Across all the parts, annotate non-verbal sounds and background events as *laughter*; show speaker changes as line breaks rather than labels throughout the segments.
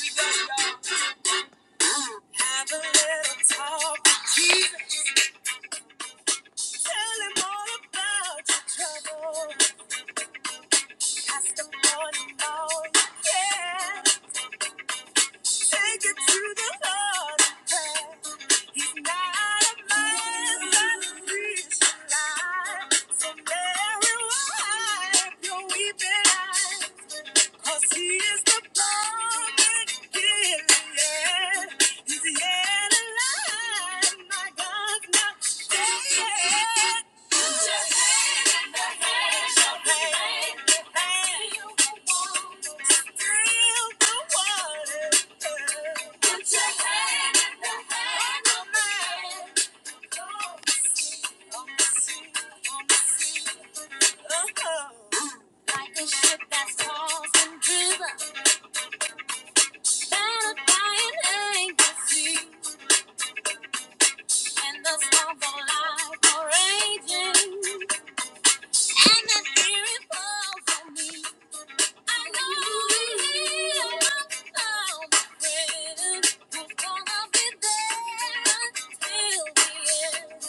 We Have a little talk. Tell him all about your trouble. Pass the money on. Yeah. Take it to the Lord in prayer. He's not a man that he should lie. So Mary, wipe your weeping eyes. Cause he is the perfect Gilead. He's yet alive. My God's not dead yet. Put your hand in the hand, show me hand, in the hand. Thrill the waters. Put your hand in the hand of man. On the sea, on the sea. Like a ship that's tossed and driven, battered by an angry sea. When the storms are raging and the fear is for me, I know I'm afraid who's gonna be there until the end.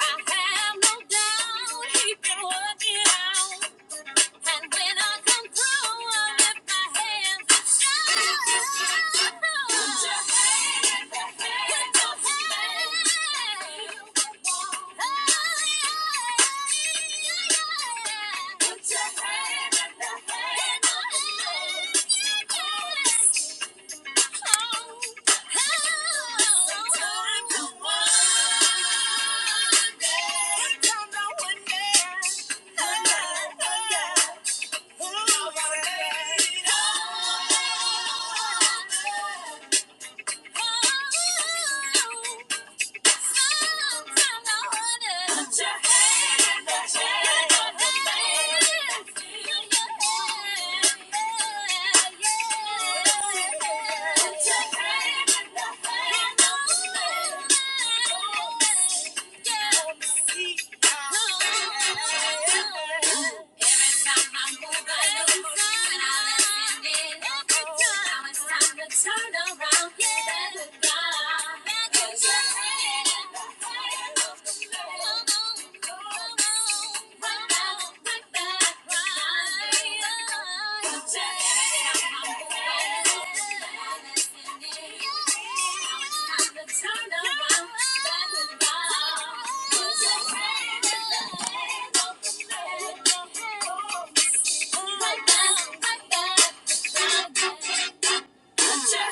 I have no doubt he can work it out. And when I come through, I lift my hands and shout. Put your hands, put your hands. Put your hands, yeah. Every time I move, I look for you and I'm offended. Now it's time to turn around, get back with God. 'Cause you're headed right for the Lord. Right now, right back. Turn around. Yeah.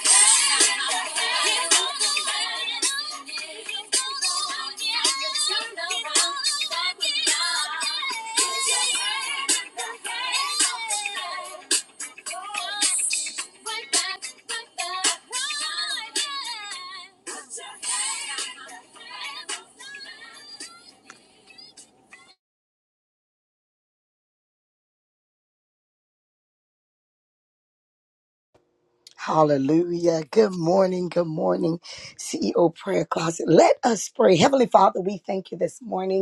Hallelujah. Good morning. Good morning, CEO Prayer Closet. Let us pray. Heavenly Father, we thank you this morning.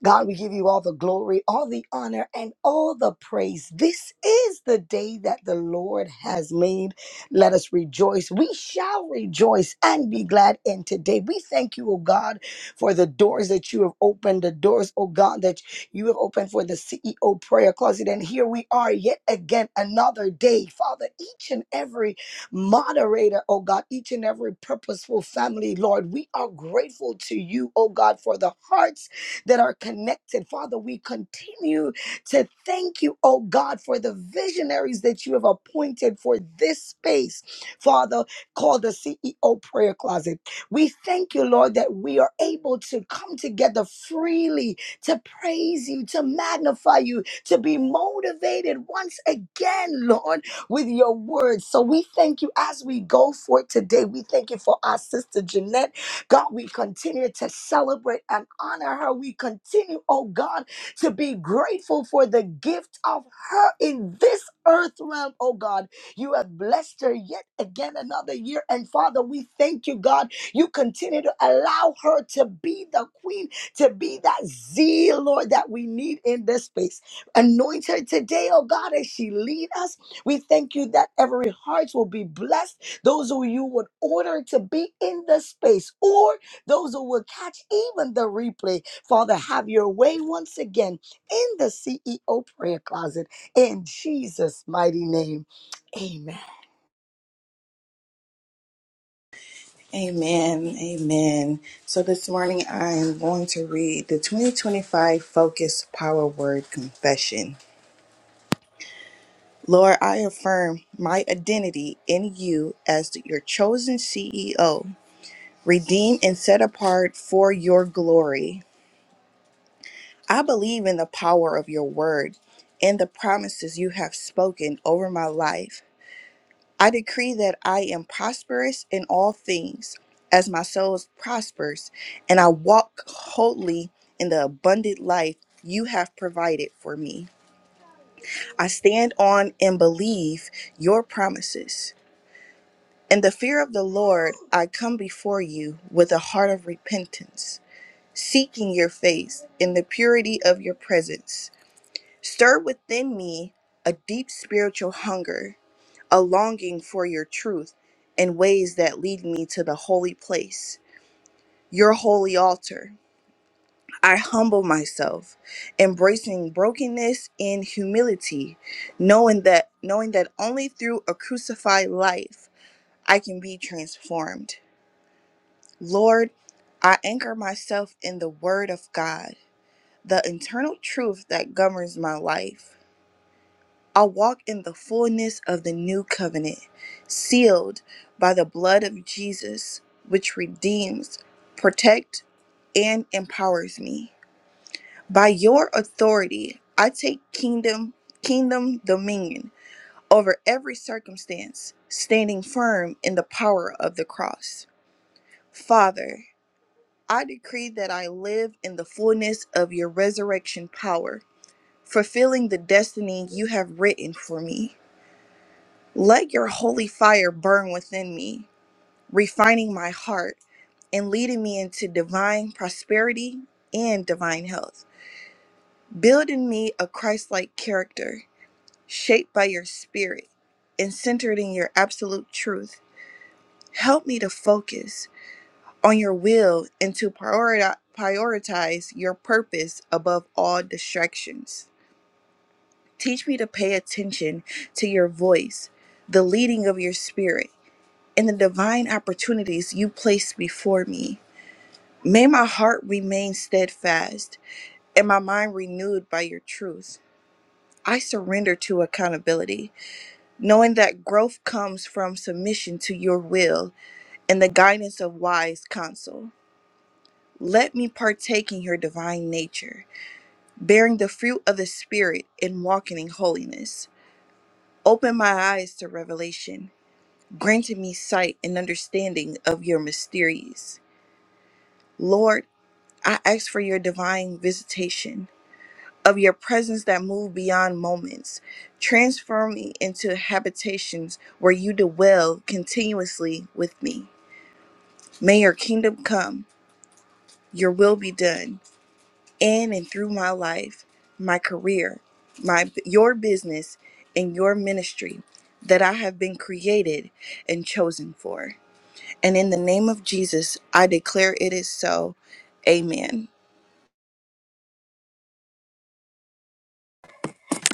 God, we give you all the glory, all the honor, and all the praise. This is the day that the Lord has made. Let us rejoice. We shall rejoice and be glad in today. We thank you, oh God, for the doors that you have opened, the doors, oh God, that you have opened for the CEO prayer closet. And here we are yet again, another day. Father, each and every moderator, oh God, each and every purposeful family, Lord, we are grateful to you, oh God, for the hearts that are connected. Father, we continue to thank you, oh God, for the visionaries that you have appointed for this space, Father, called the CEO prayer closet. We thank you, Lord, that we are able to come together freely to praise you, to magnify you, to be motivated once again, Lord, with your words. So we thank you as we go for it today. We thank you for our sister Jeanette. God, we continue to celebrate and honor her. We continue, oh God, to be grateful for the gift of her in this earth realm, oh God. You have blessed her yet again another year. And Father, we thank you, God. You continue to allow her to be the queen, to be that zeal, Lord, that we need in this space. Anoint her today, oh God, as she lead us. We thank you that every heart will be blessed those who you would order to be in the space, or those who will catch even the replay. Father, have your way once again in the CEO prayer closet in Jesus' mighty name. Amen.
Amen. Amen. So this morning I am going to read the 2025 Focus Power Word Confession. Lord, I affirm my identity in you as your chosen CEO, redeemed and set apart for your glory. I believe in the power of your word and the promises you have spoken over my life. I decree that I am prosperous in all things, as my soul prospers, and I walk wholly in the abundant life you have provided for me. I stand on and believe your promises. In the fear of the Lord, I come before you with a heart of repentance, seeking your face in the purity of your presence. Stir within me a deep spiritual hunger a longing for your truth in ways that lead me to the holy place, your holy altar. I humble myself, embracing brokenness and humility, knowing that knowing that only through a crucified life I can be transformed. Lord, I anchor myself in the word of God, the internal truth that governs my life. I walk in the fullness of the new covenant, sealed by the blood of Jesus, which redeems, protects, and empowers me. By your authority, I take kingdom kingdom dominion over every circumstance, standing firm in the power of the cross. Father, I decree that I live in the fullness of your resurrection power, fulfilling the destiny you have written for me. Let your holy fire burn within me, refining my heart and leading me into divine prosperity and divine health. Build in me a Christ like character, shaped by your spirit and centered in your absolute truth. Help me to focus on your will and to prioritize. Prioritize your purpose above all distractions. Teach me to pay attention to your voice, the leading of your spirit and the divine opportunities you place before me. May my heart remain steadfast and my mind renewed by your truth. I surrender to accountability, knowing that growth comes from submission to your will and the guidance of wise counsel. Let me partake in your divine nature, bearing the fruit of the Spirit and walking in holiness. Open my eyes to revelation, granting me sight and understanding of your mysteries. Lord, I ask for your divine visitation of your presence that move beyond moments. Transform me into habitations where you dwell continuously with me. May your kingdom come, your will be done in and through my life, my career, my your business and your ministry that I have been created and chosen for. And in the name of Jesus, I declare it is so. Amen.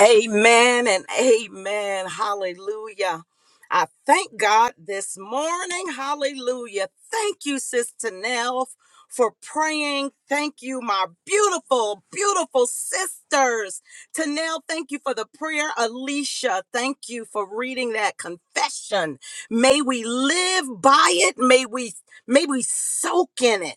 Amen and amen. Hallelujah. I thank God this morning. Hallelujah. Thank you, Sister Nell, for praying. Thank you, my beautiful, beautiful sisters. Tanel, thank you for the prayer. Alicia, thank you for reading that confession. May we live by it. May we may we soak in it.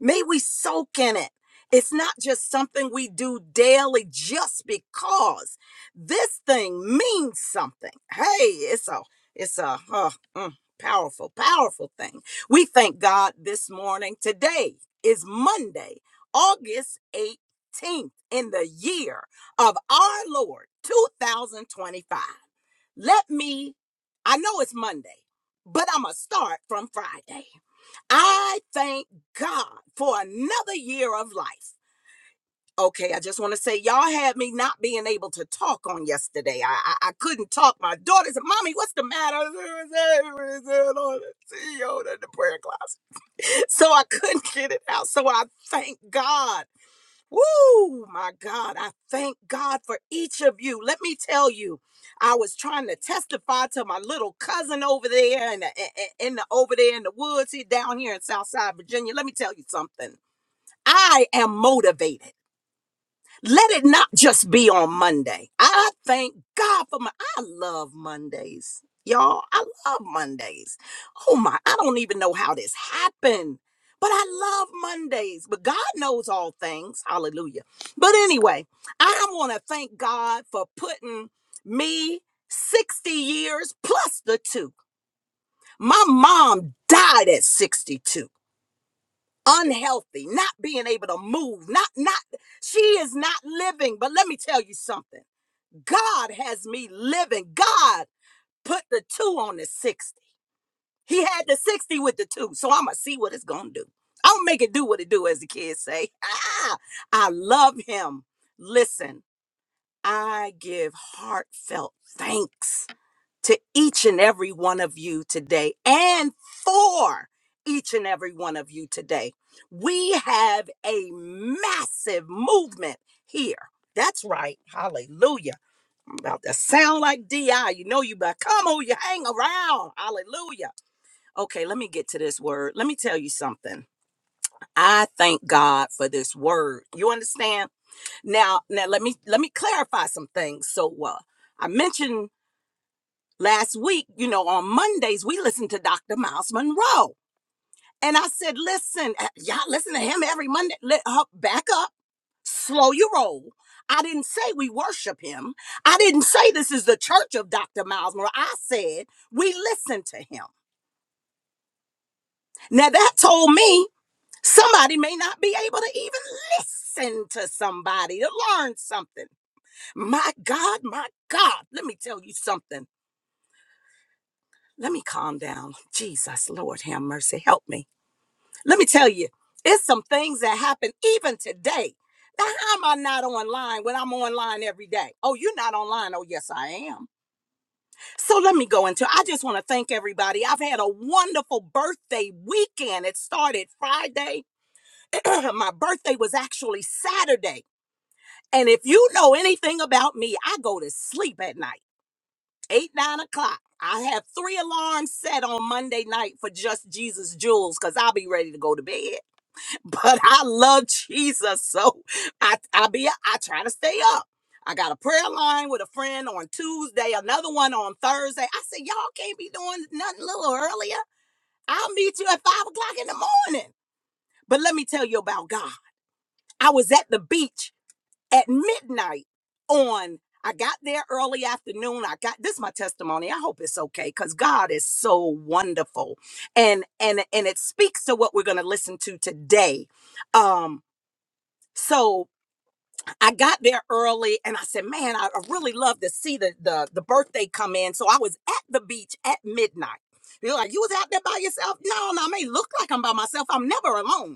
May we soak in it. It's not just something we do daily just because this thing means something. Hey, it's a it's a uh, mm, powerful, powerful thing. We thank God this morning. Today is Monday, August 18th in the year of our Lord 2025. Let me, I know it's Monday, but I'm going to start from Friday. I thank God for another year of life. Okay, I just want to say, y'all had me not being able to talk on yesterday. I I, I couldn't talk. My daughter said, Mommy, what's the matter? *laughs* CEO in the prayer class. So I couldn't get it out. So I thank God. Woo, my God, I thank God for each of you. Let me tell you, I was trying to testify to my little cousin over there in the, in the over there in the woods here down here in Southside Virginia. Let me tell you something. I am motivated. Let it not just be on Monday. I thank God for my I love Mondays. Y'all, I love Mondays. Oh my, I don't even know how this happened. But I love Mondays. But God knows all things. Hallelujah. But anyway, I want to thank God for putting me 60 years plus the two. My mom died at 62 unhealthy, not being able to move, not not she is not living. But let me tell you something. God has me living. God put the 2 on the 60. He had the 60 with the 2. So I'm gonna see what it's going to do. I'm gonna make it do what it do as the kids say. *laughs* Ah, I love him. Listen, I give heartfelt thanks to each and every one of you today and for each and every one of you today. We have a massive movement here. That's right. Hallelujah. I'm about to sound like DI. You know you better come on, you hang around. Hallelujah. Okay, let me get to this word. Let me tell you something. I thank God for this word. You understand? Now, now let me let me clarify some things. So uh I mentioned Last week, you know, on Mondays, we listened to Dr. Miles Monroe. And I said, listen, uh, y'all listen to him every Monday. Let, uh, back up, slow your roll. I didn't say we worship him. I didn't say this is the church of Dr. Miles Monroe. I said we listen to him. Now that told me somebody may not be able to even listen to somebody to learn something. My God, my God, let me tell you something. Let me calm down. Jesus, Lord, have mercy. Help me. Let me tell you, it's some things that happen even today. Now, how am I not online when I'm online every day? Oh, you're not online. Oh, yes, I am. So let me go into I just want to thank everybody. I've had a wonderful birthday weekend. It started Friday. *clears throat* My birthday was actually Saturday. And if you know anything about me, I go to sleep at night, eight, nine o'clock. I have three alarms set on Monday night for just Jesus Jewels because I'll be ready to go to bed. *laughs* but I love Jesus. So I I be I try to stay up. I got a prayer line with a friend on Tuesday, another one on Thursday. I said, Y'all can't be doing nothing a little earlier. I'll meet you at five o'clock in the morning. But let me tell you about God. I was at the beach at midnight on I got there early afternoon. I got this is my testimony. I hope it's okay because God is so wonderful. And and and it speaks to what we're gonna listen to today. Um so I got there early and I said, man, I I really love to see the, the, the birthday come in. So I was at the beach at midnight. You're like, you was out there by yourself? No, no, I may look like I'm by myself. I'm never alone.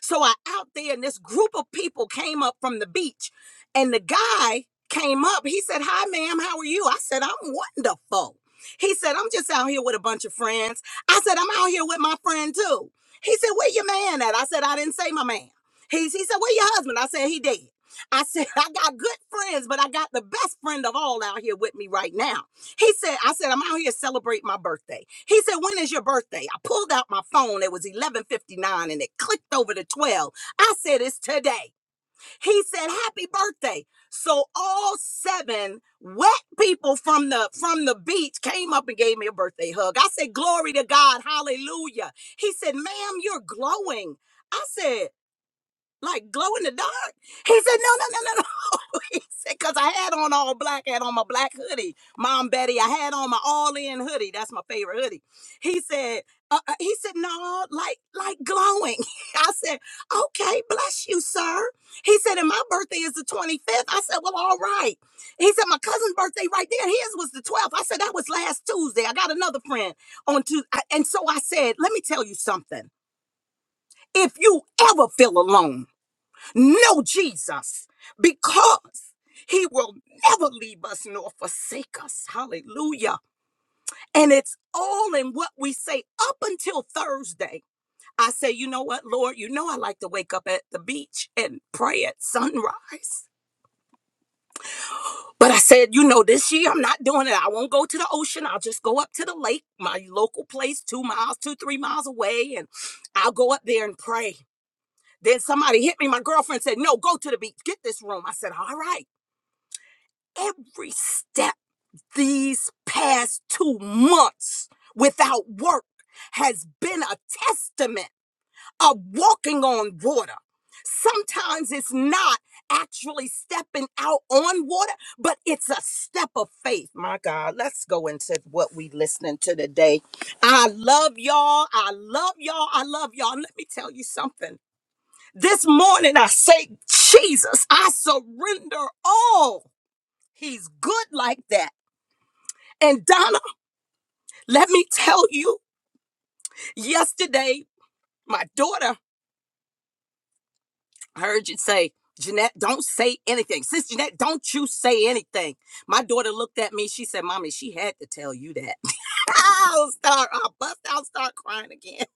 So I out there, and this group of people came up from the beach, and the guy came up. He said, "Hi, ma'am. How are you?" I said, "I'm wonderful." He said, "I'm just out here with a bunch of friends." I said, "I'm out here with my friend too." He said, "Where your man at?" I said, "I didn't say my man." He he said, "Where your husband?" I said, "He dead." I said, *laughs* "I got good friends, but I got the best friend of all out here with me right now." He said, I said, I'm out here celebrating my birthday. He said, when is your birthday? I pulled out my phone. It was 11.59 and it clicked over to 12. I said, it's today. He said, happy birthday. So all seven wet people from the from the beach came up and gave me a birthday hug. I said, glory to God. Hallelujah. He said, ma'am, you're glowing. I said, like glow in the dark? He said, no, no, no, no, no. He said, Because I had on all black, I had on my black hoodie. Mom Betty, I had on my all-in hoodie. That's my favorite hoodie. He said, uh, uh, he said, no, like, like glowing. *laughs* I said, okay, bless you, sir. He said, and my birthday is the 25th. I said, well, all right. He said, my cousin's birthday right there. His was the 12th. I said, that was last Tuesday. I got another friend on Tuesday. And so I said, let me tell you something. If you ever feel alone, know Jesus because he will never leave us nor forsake us. Hallelujah. And it's all in what we say up until Thursday. I say, you know what, Lord, you know I like to wake up at the beach and pray at sunrise. But I said, you know, this year I'm not doing it. I won't go to the ocean. I'll just go up to the lake, my local place, two miles, two, three miles away, and I'll go up there and pray. Then somebody hit me. My girlfriend said, No, go to the beach. Get this room. I said, All right. every step these past two months without work has been a testament of walking on water. Sometimes it's not actually stepping out on water, but it's a step of faith. My God, let's go into what we listening to today. I love y'all. I love y'all. I love y'all. Let me tell you something. This morning I say, Jesus, I surrender all. He's good like that. And Donna, let me tell you, yesterday, my daughter I heard you say, Jeanette, don't say anything. Sis Jeanette, don't you say anything. My daughter looked at me. She said, Mommy, she had to tell you that. *laughs* I'll start, I'll bust out, start crying again. *laughs*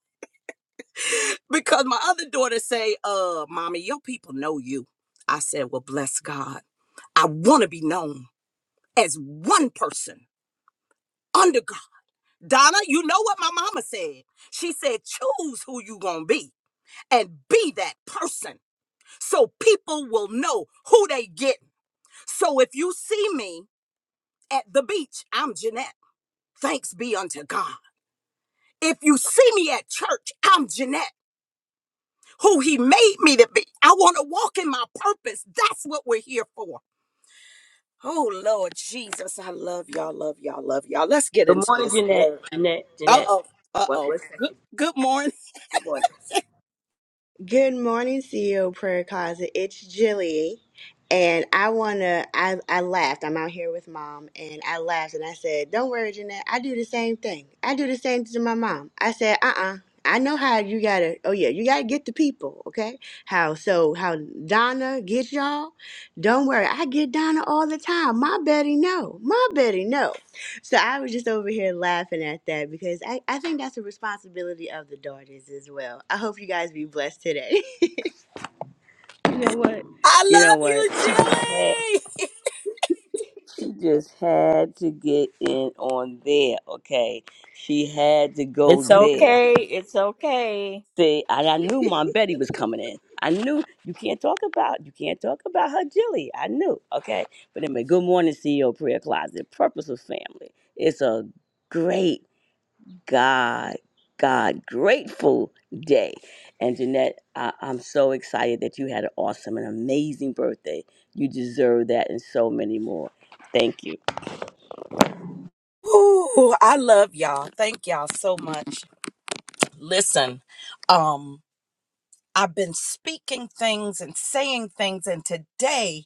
Because my other daughter say, uh, Mommy, your people know you. I said, Well, bless God. I want to be known as one person under God. Donna, you know what my mama said. She said, choose who you gonna be. and be that person so people will know who they get. So if you see me at the beach, I'm Jeanette. Thanks be unto God. If you see me at church, I'm Jeanette, who he made me to be. I want to walk in my purpose. That's what we're here for. Oh Lord Jesus, I love y'all, love y'all, love y'all. Let's get
Good
into
morning,
this
Jeanette.
word.
Jeanette, Jeanette.
Uh-oh.
What,
Uh-oh.
what
Good
second?
good morning.
Good morning. Good morning, CEO Prayer Closet. It's Jilly, and I wanna. I I laughed. I'm out here with mom, and I laughed, and I said, "Don't worry, Jeanette. I do the same thing. I do the same to my mom." I said, "Uh uh I know how you gotta. Oh yeah, you gotta get the people. Okay, how so? How Donna gets y'all? Don't worry. I get Donna all the time. My Betty no. My Betty no. So I was just over here laughing at that because I, I think that's a responsibility of the daughters as well. I hope you guys be blessed today. *laughs* You know what?
*laughs* I
You know
love
what?
you,
She just had
Jilly.
she just had to get in on there, okay? She had to go
It's
there.
okay. It's okay.
See, and I knew Mom Betty was coming in. I knew you can't talk about you can't talk about her Jilly. I knew, okay? But anyway, good morning, CEO Prayer Closet, Purposeful Family. It's a great God, God, grateful day. And Jeanette, I, I'm so excited that you had an awesome and amazing birthday. You deserve that and so many more. Thank you.
Ooh, I love y'all. Thank y'all so much. Listen, um, I've been speaking things and saying things, and today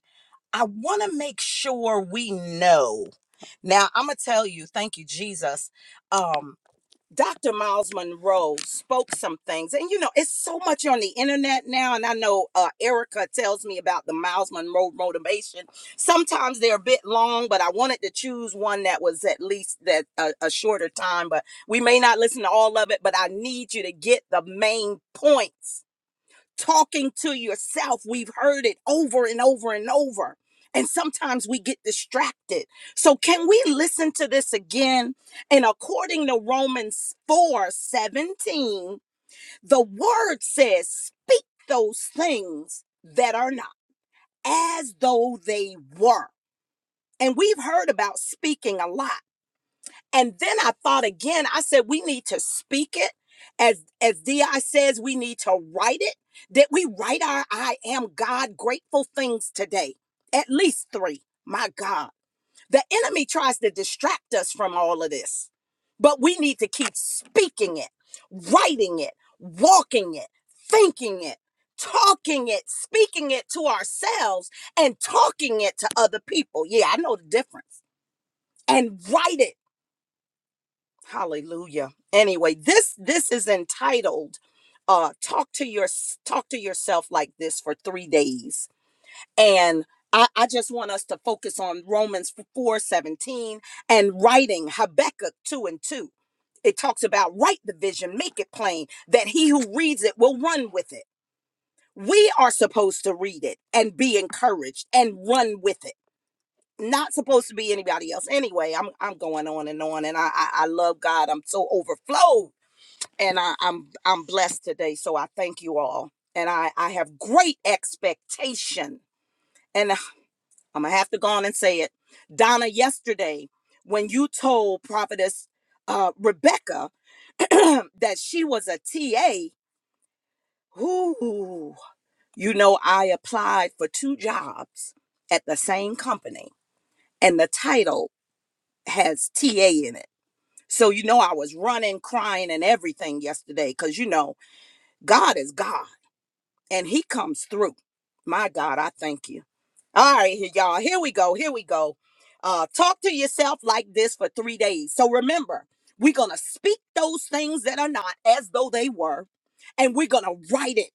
I want to make sure we know. Now, I'm going to tell you, thank you, Jesus. um. Dr. Miles Monroe spoke some things, and you know, it's so much on the internet now. And I know uh, Erica tells me about the Miles Monroe motivation. Sometimes they're a bit long, but I wanted to choose one that was at least that a, a shorter time. But we may not listen to all of it, but I need you to get the main points talking to yourself. We've heard it over and over and over. And sometimes we get distracted. So, can we listen to this again? And according to Romans 4 17, the word says, Speak those things that are not as though they were. And we've heard about speaking a lot. And then I thought again, I said, we need to speak it. As as DI says, we need to write it. That we write our I am God grateful things today. At least three. My God. The enemy tries to distract us from all of this. But we need to keep speaking it, writing it, walking it, thinking it, talking it, speaking it to ourselves, and talking it to other people. Yeah, I know the difference. And write it Hallelujah. Anyway, this this is entitled uh talk to your talk to yourself like this for 3 days. And I, I just want us to focus on Romans 4 17 and writing Habakkuk 2 and 2. It talks about write the vision, make it plain, that he who reads it will run with it. We are supposed to read it and be encouraged and run with it. Not supposed to be anybody else. Anyway, I'm I'm going on and on, and I I, I love God. I'm so overflowed and I, I'm I'm blessed today. So I thank you all, and I I have great expectation. And *sighs* I'm gonna have to go on and say it, Donna. Yesterday, when you told Prophetess uh, Rebecca *clears throat* that she was a TA, whoo, you know I applied for two jobs at the same company, and the title has TA in it. So you know I was running, crying, and everything yesterday, cause you know God is God and he comes through. My God, I thank you. All right, here, y'all. Here we go. Here we go. Uh, talk to yourself like this for three days. So remember, we're gonna speak those things that are not as though they were, and we're gonna write it.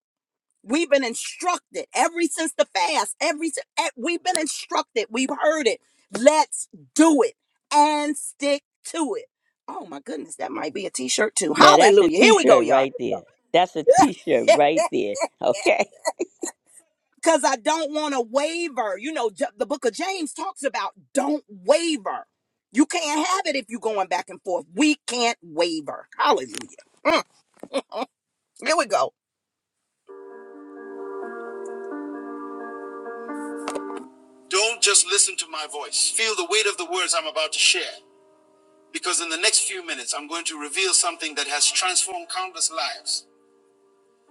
We've been instructed ever since the fast. Every si- eh, we've been instructed. We've heard it. Let's do it and stick to it. Oh my goodness, that might be a T-shirt too.
Now, that's a
Hallelujah.
t
Here we go,
shirt
y'all.
right there. That's a t shirt right there.
*laughs*
Okay?
because I don't want to waver. You know, J- the book of James talks about don't waver. You can't have it if you're going back and forth. We can't waver. Hallelujah. Here we go. Don't just listen to my voice. Feel the weight of the words I'm about to share. Because in the next few minutes, I'm going to reveal something that has transformed countless lives.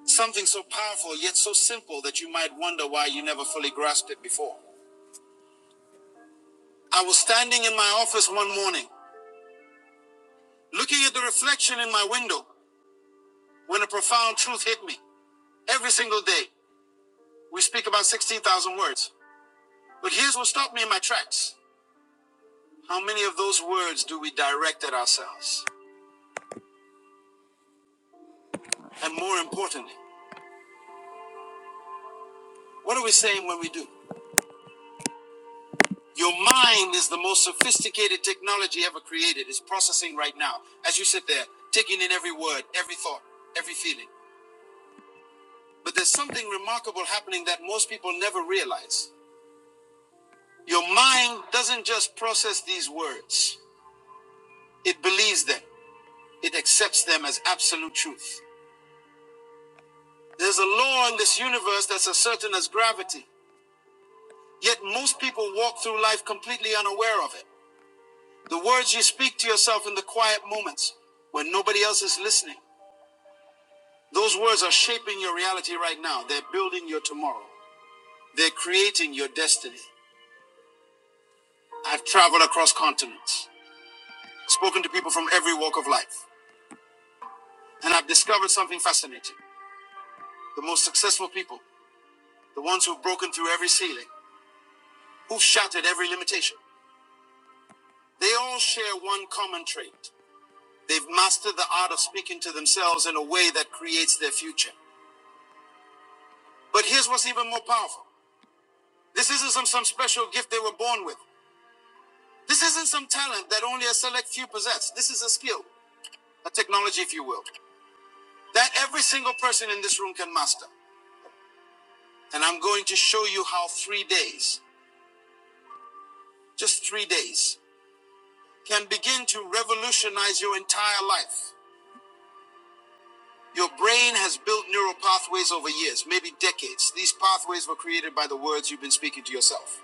Something so powerful, yet so simple that you might wonder why you never fully grasped it before. I was standing in my office one morning, looking at the reflection in my window, when a profound truth hit me. Every single day, we speak about 16,000 words. But here's what stopped me in my tracks. How many of those words do we direct at ourselves? And more importantly, what are we saying when we do? Your mind is the most sophisticated technology ever created. It's processing right now as you sit there, taking in every word, every thought, every feeling. But there's something remarkable happening that most people never realize. Your mind doesn't just process these words, it believes them, it accepts them as absolute truth. There's a law in this universe that's as certain as gravity, yet most people walk through life completely unaware of it. The words you speak to yourself in the quiet moments when nobody else is listening, those words are shaping your reality right now. They're building your tomorrow, they're creating your destiny. I've traveled across continents, spoken to people from every walk of life, and I've discovered something fascinating. The most successful people, the ones who've broken through every ceiling, who've shattered every limitation, they all share one common trait. They've mastered the art of speaking to themselves in a way that creates their future. But here's what's even more powerful this isn't some, some special gift they were born with. This isn't some talent that only a select few possess. This is a skill, a technology, if you will, that every single person in this room can master. And I'm going to show you how three days, just three days, can begin to revolutionize your entire life. Your brain has built neural pathways over years, maybe decades. These pathways were created by the words you've been speaking to yourself.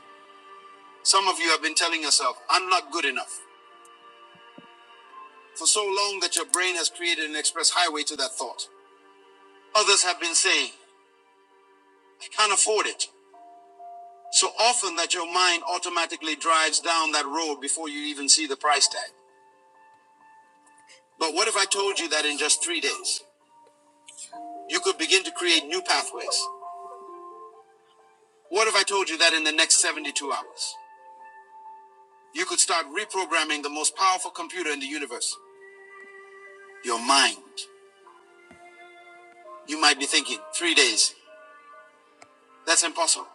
Some of you have been telling yourself, I'm not good enough, for so long that your brain has created an express highway to that thought. Others have been saying, I can't afford it, so often that your mind automatically drives down that road before you even see the price tag. But what if I told you that in just three days, you could begin to create new pathways? What if I told you that in the next 72 hours, you could start reprogramming the most powerful computer in the universe, your mind? You might be thinking, three days, that's impossible.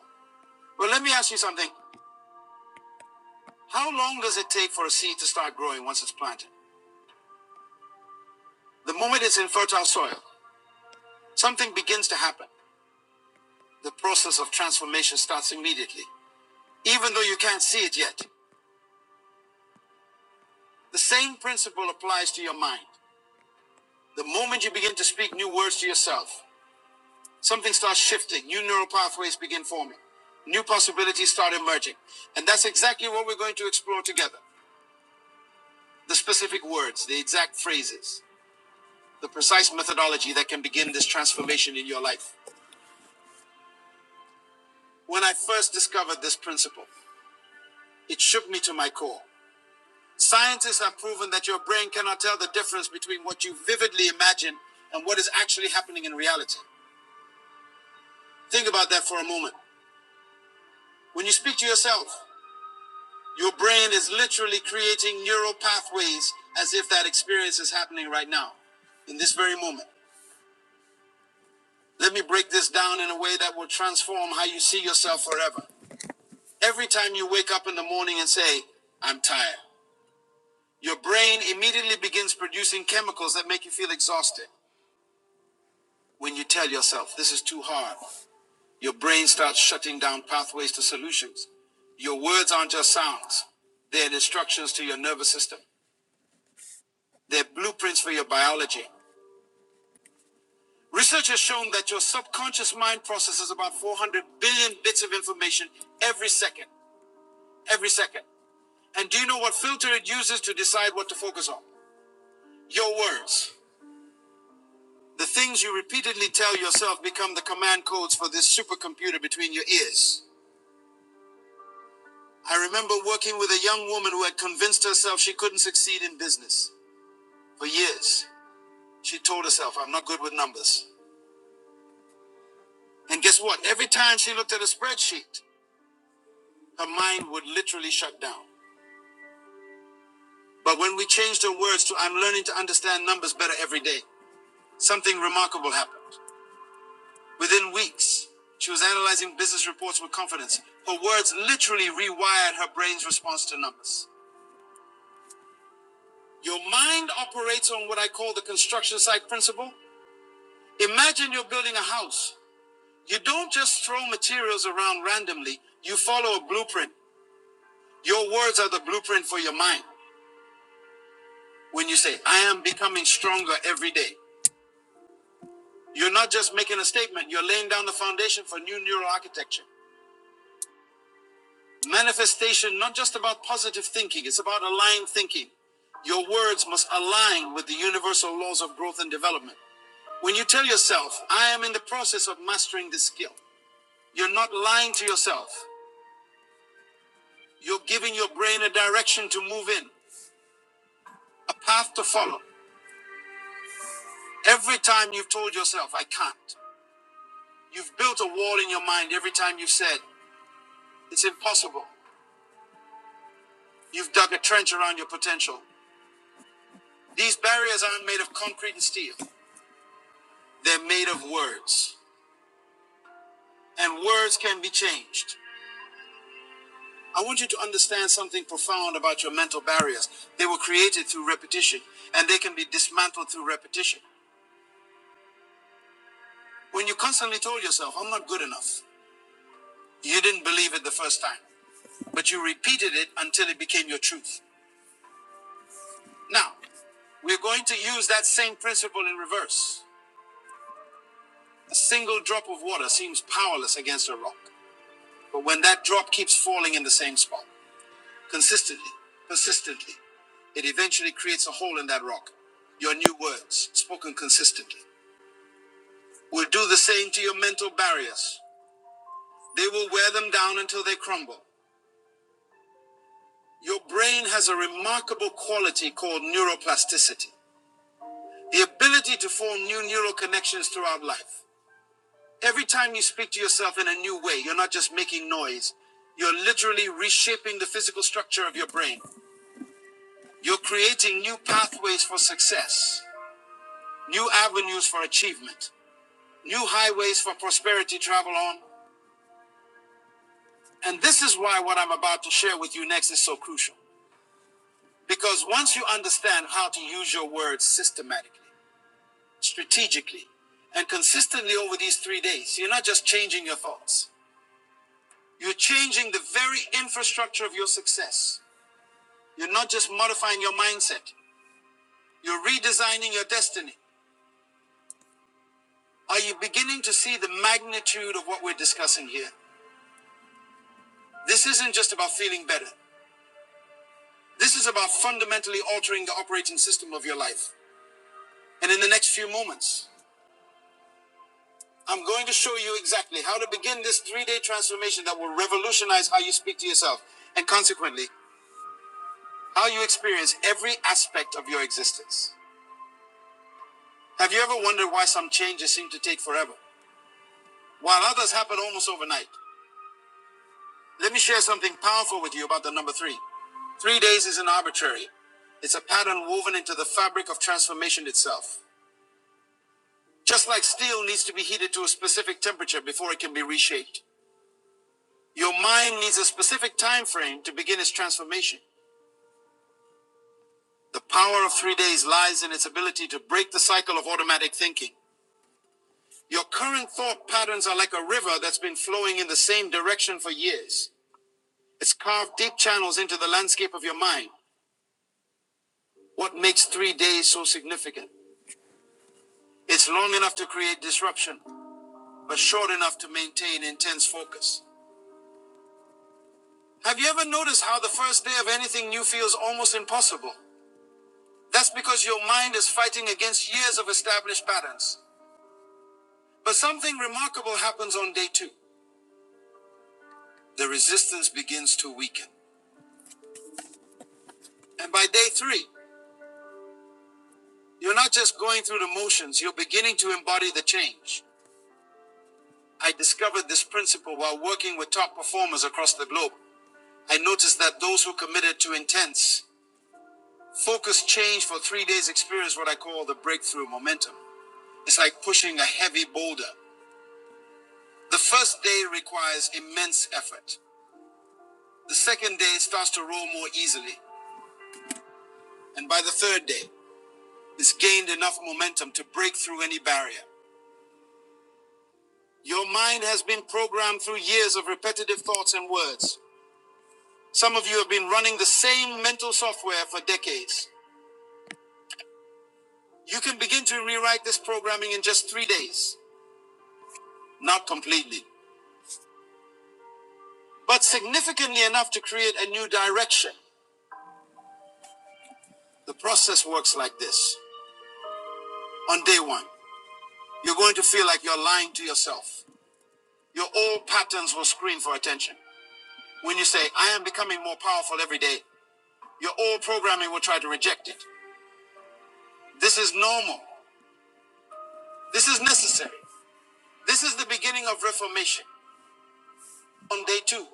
Well, let me ask you something. How long does it take for a seed to start growing once it's planted? The moment it's in fertile soil, something begins to happen. The process of transformation starts immediately, even though you can't see it yet. The same principle applies to your mind. The moment you begin to speak new words to yourself, something starts shifting, new neural pathways begin forming, new possibilities start emerging. And that's exactly what we're going to explore together the specific words, the exact phrases, the precise methodology that can begin this transformation in your life. When I first discovered this principle, it shook me to my core. Scientists have proven that your brain cannot tell the difference between what you vividly imagine and what is actually happening in reality. Think about that for a moment. When you speak to yourself, your brain is literally creating neural pathways as if that experience is happening right now, in this very moment. Let me break this down in a way that will transform how you see yourself forever. Every time you wake up in the morning and say, I'm tired. Your brain immediately begins producing chemicals that make you feel exhausted. When you tell yourself, this is too hard, your brain starts shutting down pathways to solutions. Your words aren't just sounds, they're instructions to your nervous system, they're blueprints for your biology. Research has shown that your subconscious mind processes about 400 billion bits of information every second. Every second. And do you know what filter it uses to decide what to focus on? Your words. The things you repeatedly tell yourself become the command codes for this supercomputer between your ears. I remember working with a young woman who had convinced herself she couldn't succeed in business. For years, she told herself, I'm not good with numbers. And guess what? Every time she looked at a spreadsheet, her mind would literally shut down. But when we changed her words to, I'm learning to understand numbers better every day, something remarkable happened. Within weeks, she was analyzing business reports with confidence. Her words literally rewired her brain's response to numbers. Your mind operates on what I call the construction site principle. Imagine you're building a house. You don't just throw materials around randomly, you follow a blueprint. Your words are the blueprint for your mind. When you say, I am becoming stronger every day, you're not just making a statement, you're laying down the foundation for new neural architecture. Manifestation, not just about positive thinking, it's about aligned thinking. Your words must align with the universal laws of growth and development. When you tell yourself, I am in the process of mastering this skill, you're not lying to yourself. You're giving your brain a direction to move in, a path to follow. Every time you've told yourself, I can't, you've built a wall in your mind every time you've said, it's impossible. You've dug a trench around your potential. These barriers aren't made of concrete and steel. They're made of words, and words can be changed. I want you to understand something profound about your mental barriers. They were created through repetition, and they can be dismantled through repetition. When you constantly told yourself, I'm not good enough, you didn't believe it the first time, but you repeated it until it became your truth. Now, we're going to use that same principle in reverse. A single drop of water seems powerless against a rock, but when that drop keeps falling in the same spot, consistently, consistently. It eventually creates a hole in that rock. Your new words, spoken consistently, will do the same to your mental barriers. They will wear them down until they crumble. Your brain has a remarkable quality called neuroplasticity the ability to form new neural connections throughout life. Every time you speak to yourself in a new way, you're not just making noise, you're literally reshaping the physical structure of your brain. You're creating new pathways for success. new avenues for achievement, new highways for prosperity to travel on. And this is why what I'm about to share with you next is so crucial. Because once you understand how to use your words systematically, strategically, and consistently over these three days, you're not just changing your thoughts. You're changing the very infrastructure of your success. You're not just modifying your mindset. You're redesigning your destiny. Are you beginning to see the magnitude of what we're discussing here? This isn't just about feeling better. This is about fundamentally altering the operating system of your life. And in the next few moments, I'm going to show you exactly how to begin this three day transformation that will revolutionize how you speak to yourself and consequently, how you experience every aspect of your existence. Have you ever wondered why some changes seem to take forever, while others happen almost overnight? Let me share something powerful with you about the number three. Three days isn't arbitrary, it's a pattern woven into the fabric of transformation itself. Just like steel needs to be heated to a specific temperature before it can be reshaped, your mind needs a specific time frame to begin its transformation. The power of three days lies in its ability to break the cycle of automatic thinking. Your current thought patterns are like a river that's been flowing in the same direction for years. It's carved deep channels into the landscape of your mind. What makes three days so significant? It's long enough to create disruption, but short enough to maintain intense focus. Have you ever noticed how the first day of anything new feels almost impossible? That's because your mind is fighting against years of established patterns. But something remarkable happens on day two. The resistance begins to weaken. And by day three, you're not just going through the motions, you're beginning to embody the change. I discovered this principle while working with top performers across the globe. I noticed that those who committed to intense, focused change for three days experience what I call the breakthrough momentum. It's like pushing a heavy boulder. The first day requires immense effort. The second day starts to roll more easily. And by the third day, it's gained enough momentum to break through any barrier. Your mind has been programmed through years of repetitive thoughts and words. Some of you have been running the same mental software for decades. You can begin to rewrite this programming in just three days. Not completely, but significantly enough to create a new direction. The process works like this. On day one, You're going to feel like you're lying to yourself. Your old patterns will scream for attention. When you say, I am becoming more powerful every day, your old programming will try to reject it. This is normal. This is necessary. This is the beginning of reformation. On day two,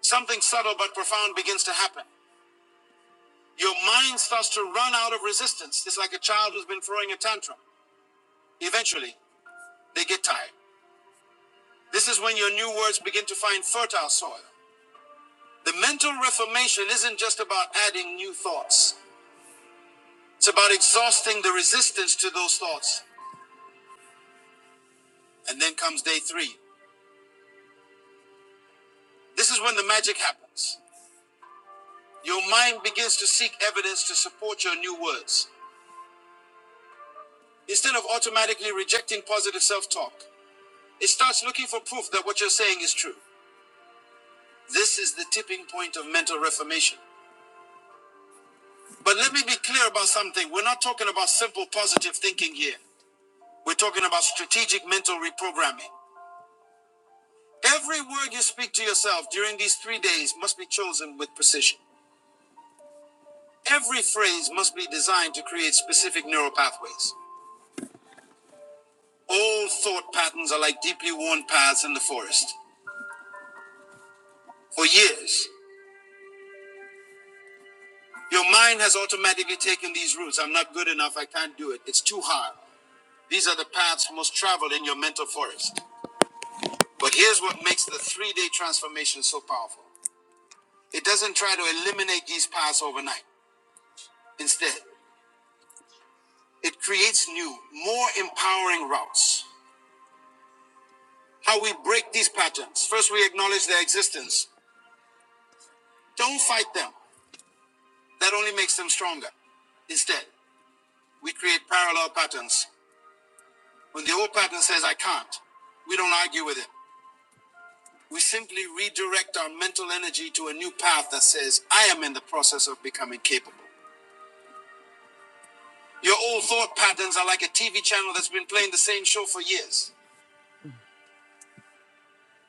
something subtle but profound begins to happen. Your mind starts to run out of resistance. It's like a child who's been throwing a tantrum. Eventually, they get tired. This is when your new words begin to find fertile soil. The mental reformation isn't just about adding new thoughts, it's about exhausting the resistance to those thoughts. And then comes day three. This is when the magic happens. Your mind begins to seek evidence to support your new words. Instead of automatically rejecting positive self talk, it starts looking for proof that what you're saying is true. This is the tipping point of mental reformation. But let me be clear about something. We're not talking about simple positive thinking here. We're talking about strategic mental reprogramming. Every word you speak to yourself during these three days must be chosen with precision. Every phrase must be designed to create specific neural pathways. Old thought patterns are like deeply worn paths in the forest. For years, your mind has automatically taken these routes. I'm not good enough. I can't do it. It's too hard. These are the paths most traveled in your mental forest. But here's what makes the three day transformation so powerful it doesn't try to eliminate these paths overnight. Instead, It creates new, more empowering routes. How we break these patterns. First, we acknowledge their existence. Don't fight them. That only makes them stronger. Instead, we create parallel patterns. When the old pattern says, I can't, we don't argue with it. We simply redirect our mental energy to a new path that says, I am in the process of becoming capable. Your old thought patterns are like a TV channel that's been playing the same show for years.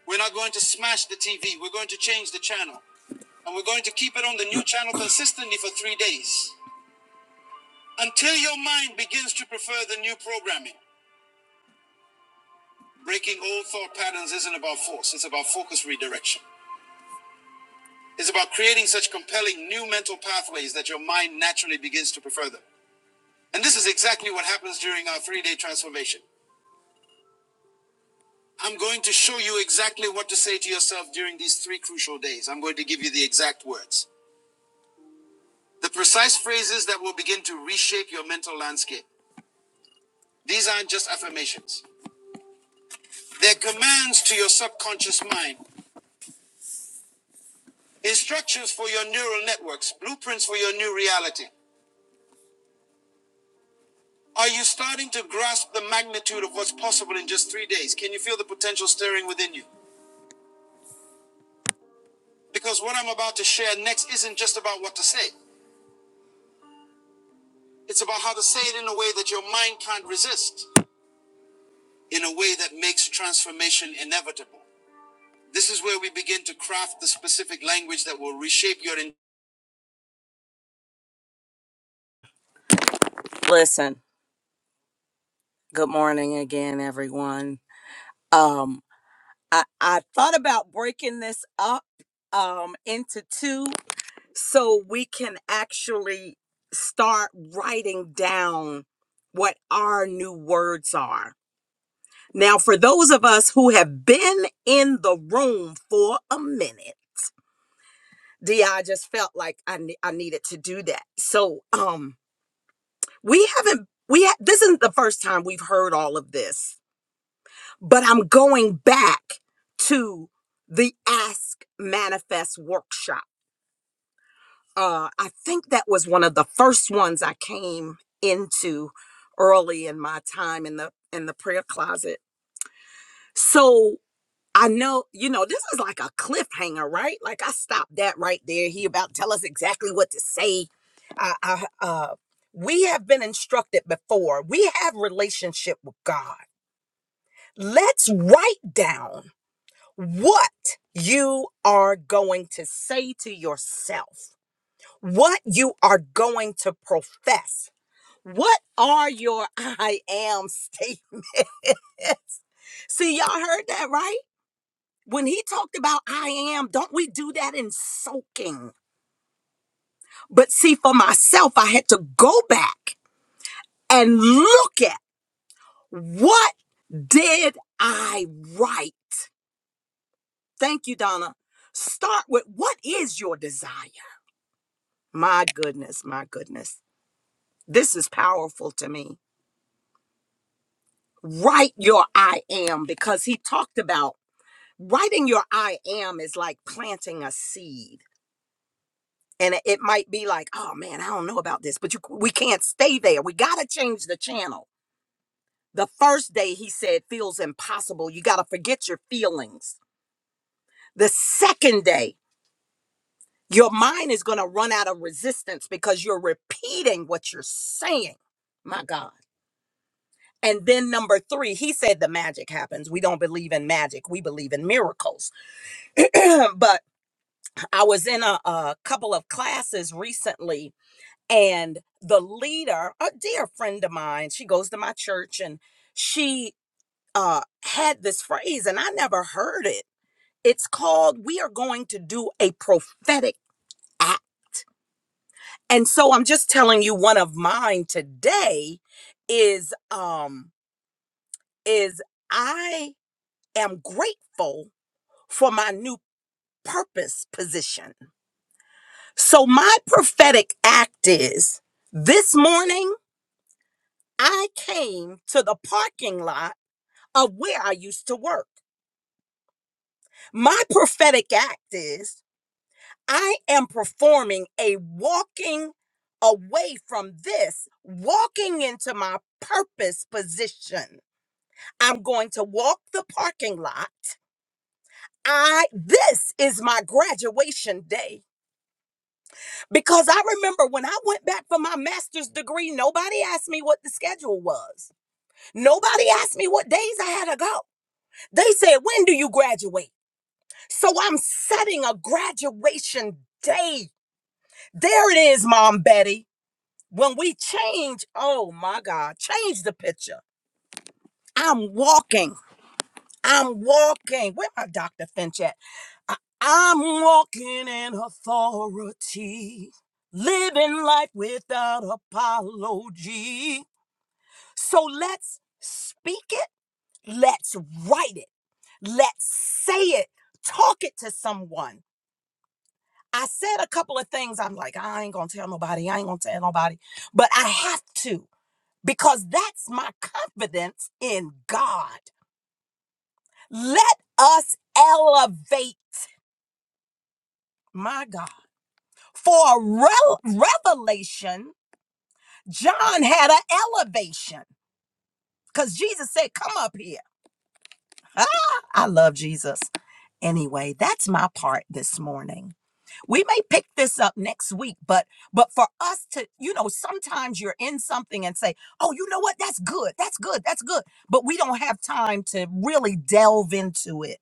We're not going to smash the TV. We're going to change the channel. And we're going to keep it on the new channel consistently for three days until your mind begins to prefer the new programming. Breaking old thought patterns isn't about force, it's about focus redirection. It's about creating such compelling new mental pathways that your mind naturally begins to prefer them. And this is exactly what happens during our three day transformation. I'm going to show you exactly what to say to yourself during these three crucial days. I'm going to give you the exact words. The precise phrases that will begin to reshape your mental landscape. These aren't just affirmations. They're commands to your subconscious mind, instructions for your neural networks, blueprints for your new reality. Are you starting to grasp the magnitude of what's possible in just three days? Can you feel the potential stirring within you? Because what I'm about to share next isn't just about what to say, it's about how to say it in a way that your mind can't resist, in a way that makes transformation inevitable. This is where we begin to craft the specific language that will reshape your. In- Listen, good morning again, everyone. Um, I, I thought about breaking this up um into two so we can actually start writing down what our new words are. Now, for those of us who have been in the room for a minute, D, I just felt like I ne- I needed to do that. So, um, we haven't we ha- this isn't the first time we've heard all of this but i'm going back to the ask manifest workshop uh i think that was one of the first ones i came into early in my time in the in the prayer closet so I know, you know, this is like a cliffhanger, right? Like I stopped that right there. He about to tell us exactly what to say. I, I, uh, we have been instructed before. We have relationship with God. Let's write down what you are going to say to yourself, what you are going to profess. What are your *laughs* I am statements? *laughs* See, y'all heard that, right? When he talked about I am, don't we do that in soaking? But see, for myself, I had to go back and look at what did I write? Thank you, Donna. Start with what is your desire? My goodness, my goodness. This is powerful to me. Write your I am because he talked about writing your I am is like planting a seed. and it it might be like oh man i don't know about this but you, we can't stay there we gotta change the channel the first day he said feels impossible you gotta forget your feelings the second day your mind is gonna run out of resistance because you're repeating what you're saying my god and then number three he said the magic happens we don't believe in magic we believe in miracles *clears throat* but i was in a, a couple of classes recently and the leader a dear friend of mine she goes to my church and she uh had this phrase and i never heard it it's called we are going to do a prophetic act and so i'm just telling you one of mine today is um is i am grateful for my new purpose position so my prophetic act is this morning i came to the parking lot of where I used to work. My prophetic act is I am performing a walking away from this, walking into my purpose position. I'm going to walk the parking lot. I this is my graduation day because I remember when I went back for my master's degree nobody asked me what the schedule was. Nobody asked me what days I had to go. They said, "When do you graduate?" So I'm setting a graduation day. There it is, Mom Betty. When we change, oh my God, change the picture. I'm walking. I'm walking. Where my Dr. Finch at? I, I'm walking in authority, living life without apology. So let's speak it. Let's write it. Let's say it. Talk it to someone I said a couple of things. I'm like, I ain't gonna tell nobody. I ain't gonna tell nobody. But I have to because that's my confidence in God. Let us elevate, my God, for a rel- revelation. John had an elevation because Jesus said, Come up here. *laughs* Ah, I love Jesus. Anyway, that's my part this morning. we may pick this up next week but but for us to you know sometimes you're in something and say oh you know what that's good that's good that's good but we don't have time to really delve into it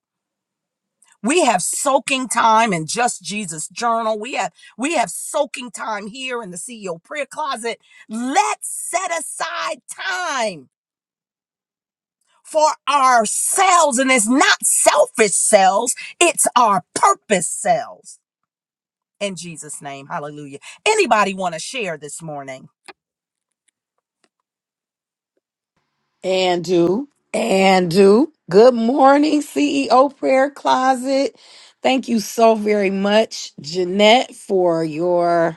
we have soaking time in just jesus journal we have we have soaking time here in the ceo prayer closet let's set aside time for ourselves and it's not selfish selves it's our purpose selves in Jesus' name. Hallelujah. Anybody want to share this morning?
And do. And do. Good morning, CEO Prayer Closet. Thank you so very much, Jeanette, for your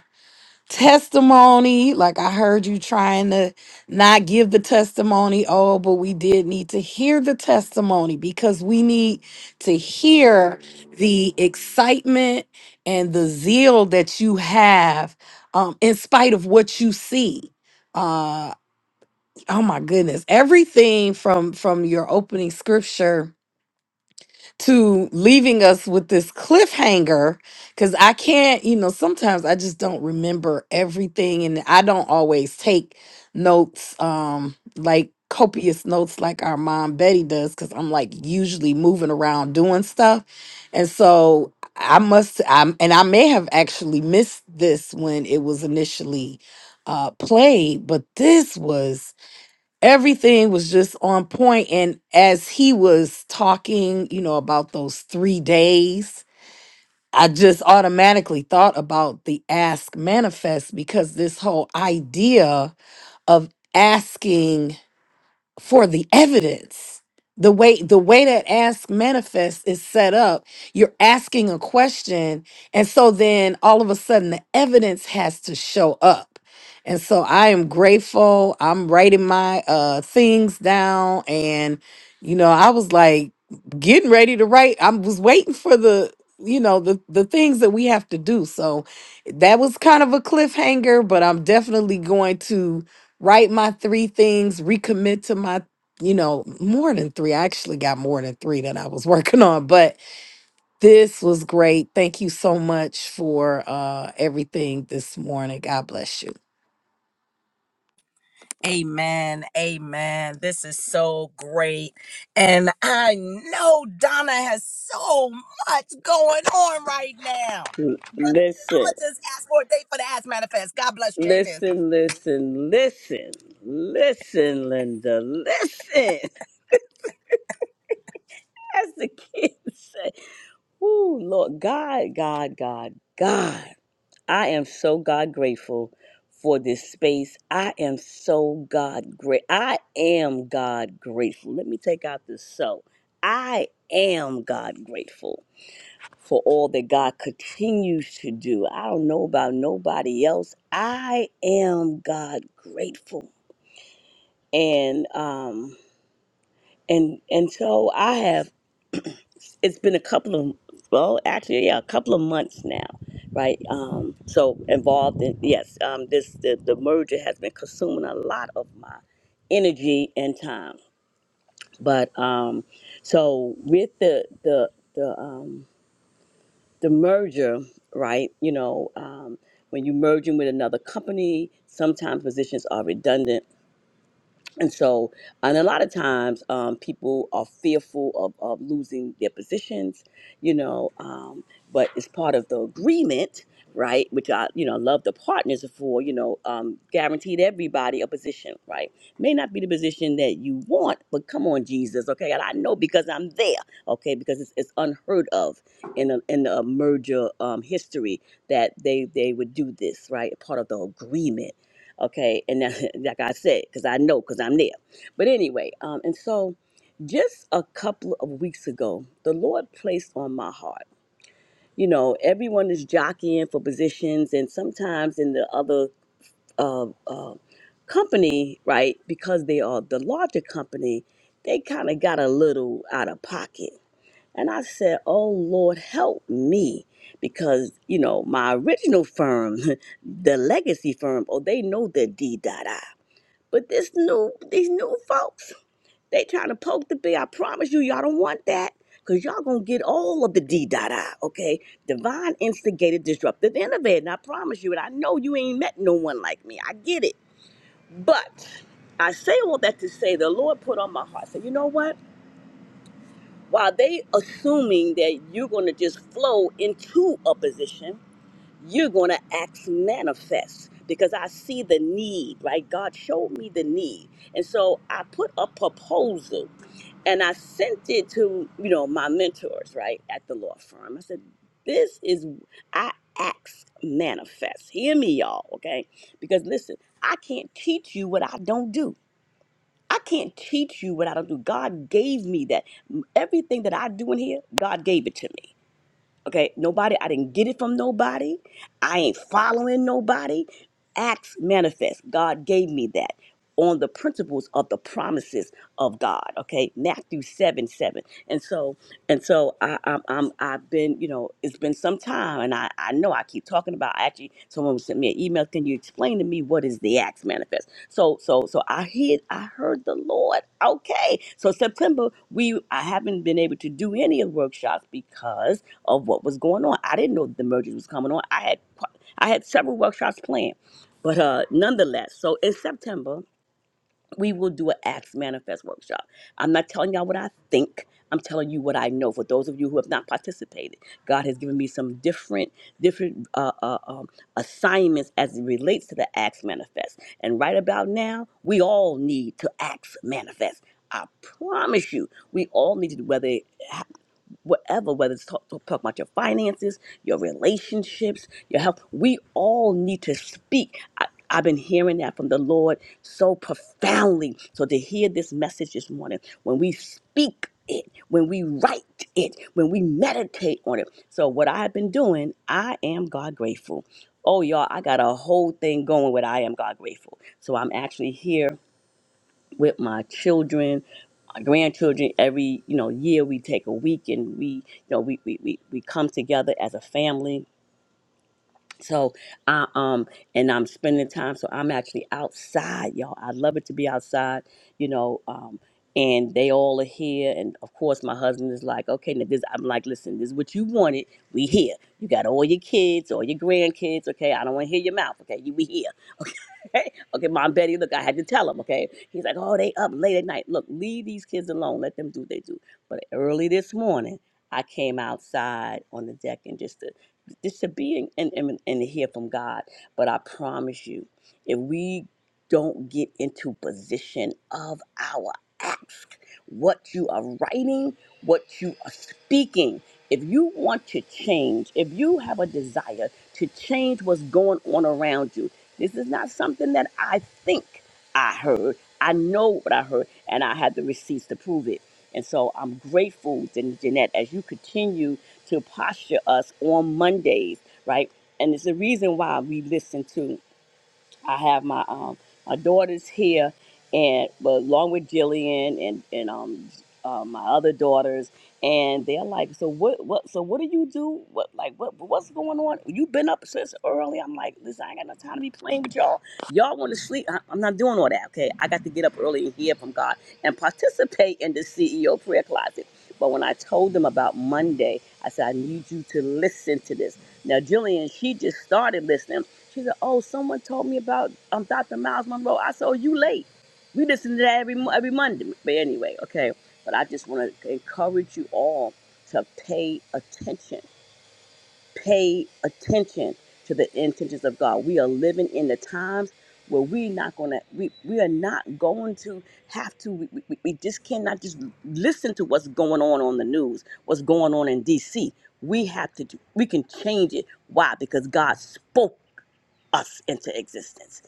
testimony. Like I heard you trying to not give the testimony. Oh, but we did need to hear the testimony because we need to hear the excitement and the zeal that you have um, in spite of what you see Uh, oh my goodness everything from from your opening scripture to leaving us with this cliffhanger because i can't you know sometimes i just don't remember everything and i don't always take notes um like copious notes like our mom betty does because i'm like usually moving around doing stuff and so i must i'm and i may have actually missed this when it was initially uh played but this was everything was just on point and as he was talking you know about those three days i just automatically thought about the ask manifest because this whole idea of asking for the evidence the way the way that ask manifest is set up you're asking a question and so then all of a sudden the evidence has to show up and so i am grateful i'm writing my uh things down and you know i was like getting ready to write i was waiting for the you know the the things that we have to do so that was kind of a cliffhanger but i'm definitely going to write my three things, recommit to my, you know, more than three. I actually got more than three that I was *laughs* working on, but this was great. Thank you so much for uh, everything this morning. God bless you.
Amen. Amen. This is so great. And I know Donna has so much going on right now.
*laughs*
But I'm
Listen,
going to just ask for a day for the ass manifest. God bless you. Amen.
listen, listen, listen, listen, Linda, listen. *laughs* As the kids say, Ooh, Lord, God, God, God, God. I am so God grateful for this space. I am so God great. I am God grateful. Let me take out the so. I am God grateful for all that God continues to do. I don't know about nobody else. I am God grateful. And um and and so I have it's been a couple of well actually yeah a couple of months now right um so involved in yes um this the, the merger has been consuming a lot of my energy and time but um so with the the the um the merger right you know um when you're merging with another company sometimes positions are redundant and so, and a lot of times, um, people are fearful of, of losing their positions, you know, um, but it's part of the agreement, right? Which I, you know, love the partners for, you know, um, guaranteed everybody a position, right? May not be the position that you want, but come on, Jesus, okay? And I know because I'm there, okay? Because it's, it's unheard of in a, in a merger um, history that they, they would do this, right? Part of the agreement Okay, and that, *laughs* like I said, because I know, because I'm there. But anyway, um, and so just a couple of weeks ago, the Lord placed on my heart. You know, everyone is jockeying for positions, and sometimes in the other uh, uh, company, right? Because they are the larger company, they kind of got a little out of pocket. And I said, "Oh Lord, help me." Because you know my original firm, *laughs* the legacy firm, oh they know the D dot I. But this new, these new folks, they trying to poke the bear. I promise you, y'all don't want that. Cause y'all gonna get all of the D dot I, okay? Divine instigated disruptive innovator. And I promise you, and I know you ain't met no one like me. I get it. But I say all that to say the Lord put on my heart. So you know what? While they assuming that you're gonna just flow into a position, you're going to act manifest because I see the need, right? God showed me the need. And so I put a proposal and I sent it to, you know, my mentors, right, at the law firm. I said, this is, I ask manifest. Hear me, y'all, okay? Because listen, I can't teach you what I don't do. I can't teach you what I don't do. God gave me that. Everything that I do in here, God gave it to me. Okay, nobody, I didn't get it from nobody. I ain't following nobody. Acts manifest. God gave me that on the principles of the promises of God. Okay, Matthew 7 7. And so, and so I, I'm, I'm, I've been, you know, it's been some time and I, I know I keep talking about, actually, someone sent me an email. Can you explain to me what is the Acts manifest? So, so, so I hear, I heard the Lord. Okay. So September, we, I haven't been able to do any of the workshops because of what was going on. I didn't know the merger was coming on. I had I had several workshops planned, but uh, nonetheless, so in September we will do an Acts Manifest workshop. I'm not telling y'all what I think. I'm telling you what I know. For those of you who have not participated, God has given me some different different uh, uh, um, assignments as it relates to the Acts Manifest. And right about now, we all need to Acts Manifest. I promise you, we all need to do whether whatever, whether it's talk, talk, talk about your finances, your relationships, your health. We all need to speak. I, I've been hearing that from the Lord so profoundly. So to hear this message this morning, when we speak it, when we write it, when we meditate on it. So what I've been doing, I am God grateful. Oh y'all, I got a whole thing going with I am God grateful. So I'm actually here with my children our grandchildren every you know year we take a week and we you know we we, we, we come together as a family so i um and i'm spending time so i'm actually outside y'all i love it to be outside you know um and they all are here and of course my husband is like okay now this i'm like listen this is what you wanted we here you got all your kids all your grandkids okay i don't want to hear your mouth okay you we here okay, okay, Mom Betty, look, I had to tell him, okay? He's like, oh, they up late at night. Look, leave these kids alone. Let them do what they do. But early this morning, I came outside on the deck and just to just to be in, and, and, and to hear from God. But I promise you, if we don't get into position of our ask, what you are writing, what you are speaking, if you want to change, if you have a desire to change what's going on around you, this is not something that I think I heard. I know what I heard, and I had the receipts to prove it. And so I'm grateful, Jan- Jeanette, as you continue to posture us on Mondays, right? And it's the reason why we listen to. I have my um my daughters here, and but along with Jillian and and um uh, my other daughters, and they're like, so what what so what do you do? What like what what's going on? You've been up since early. I'm like, listen, I ain't got no time to be playing with y'all. Y'all want to sleep? I, I'm not doing all that. Okay, I got to get up early and hear from God and participate in the CEO prayer closet. But when I told them about Monday, I said, I need you to listen to this. Now, Jillian, she just started listening she said, "Oh, someone told me about um Dr. Miles Monroe." I said, "Oh, you late? We listen to that every mo- every Monday." But anyway, okay. But I just want to encourage you all to pay attention. Pay attention to the intentions of God. We are living in the times where we not gonna we, we are not going to have to we, we, we just cannot just listen to what's going on on the news what's going on in dc we have to do- we can change it why because god spoke us into existence.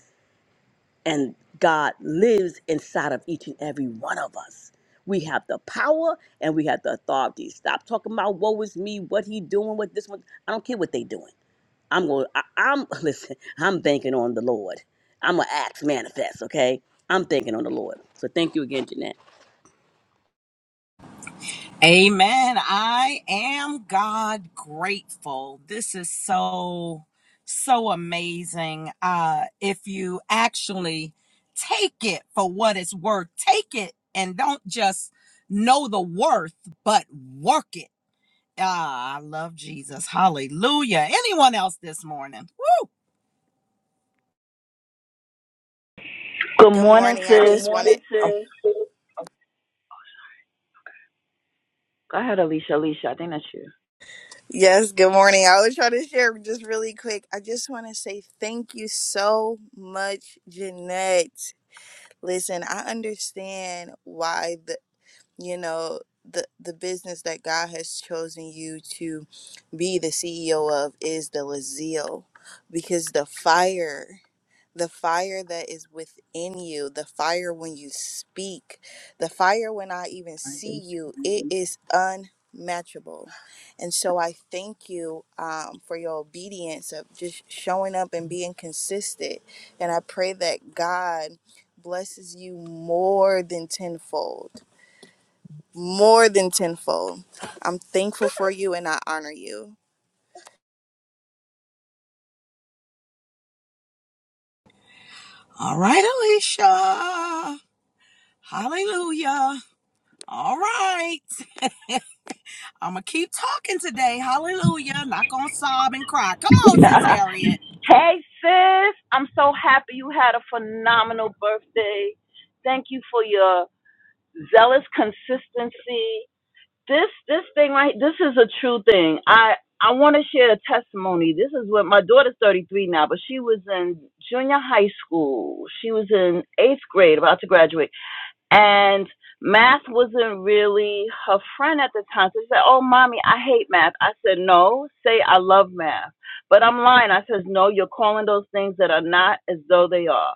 And God lives inside of each and every one of us. We have the power and we have the authority. Stop talking about woe is me, what he doing, what this one. I don't care what they doing. I'm going. to I'm *laughs* listen. I'm banking on the Lord. I'm a act manifest. Okay. I'm banking on the Lord. So thank you again, Jeanette.
Amen. I am God grateful. This is so, so amazing. Uh, if you actually take it for what it's worth, take it and don't just know the worth, but work it. Ah, I love Jesus. Hallelujah. Anyone else this morning? Woo!
Good
Good
morning,
morning. I Good
sis.
just wanted morning,
Oh,
um, sis.
go ahead, Alicia. Alicia, I think that's you.
Yes, good morning. I was trying to share just really quick. I just want to say thank you so much, Jeanette. Listen, I understand why the you know the the business that God has chosen you to be the CEO of is the zeal because the fire the fire that is within you, the fire when you speak, the fire when I even see you, it is unmatchable. And so I thank you um, for your obedience of just showing up and being consistent. And I pray that God blesses you more than tenfold, more than tenfold. I'm thankful for you and I honor you.
All right, Alicia. Hallelujah. All right. I'm gonna keep talking today. Hallelujah. Not gonna sob and cry. Come
*laughs*
on, sis Harriet.
hey, sis. I'm so happy you had a phenomenal birthday. Thank you for your zealous consistency. This this thing right this is a true thing. I I want to share a testimony. This is what my daughter's 33 now, but she was in junior high school. She was in 8th grade about to graduate and math wasn't really her friend at the time. So she said, "Oh, mommy, I hate math." I said, "No, say I love math." But I'm lying. I says, "No, you're calling those things that are not as though they are."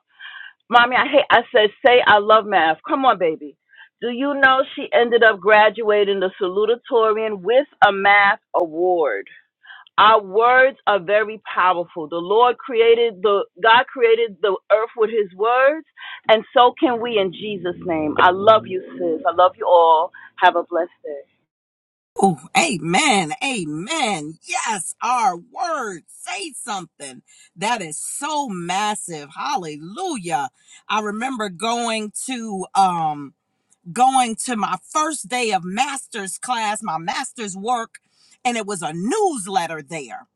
Mommy, I hate. I said, "Say I love math." Come on, baby. Do you know she ended up graduating the salutatorian with a math award? Our words are very powerful. The Lord created the God created the earth with his words, and so can we in Jesus' name. I love you, sis. I love you all. Have a blessed day.
Oh, amen. Amen. Yes, our word. Say something. That is so massive. Hallelujah. I remember going to um going to my first day of master's class, my master's work, and it was a newsletter there.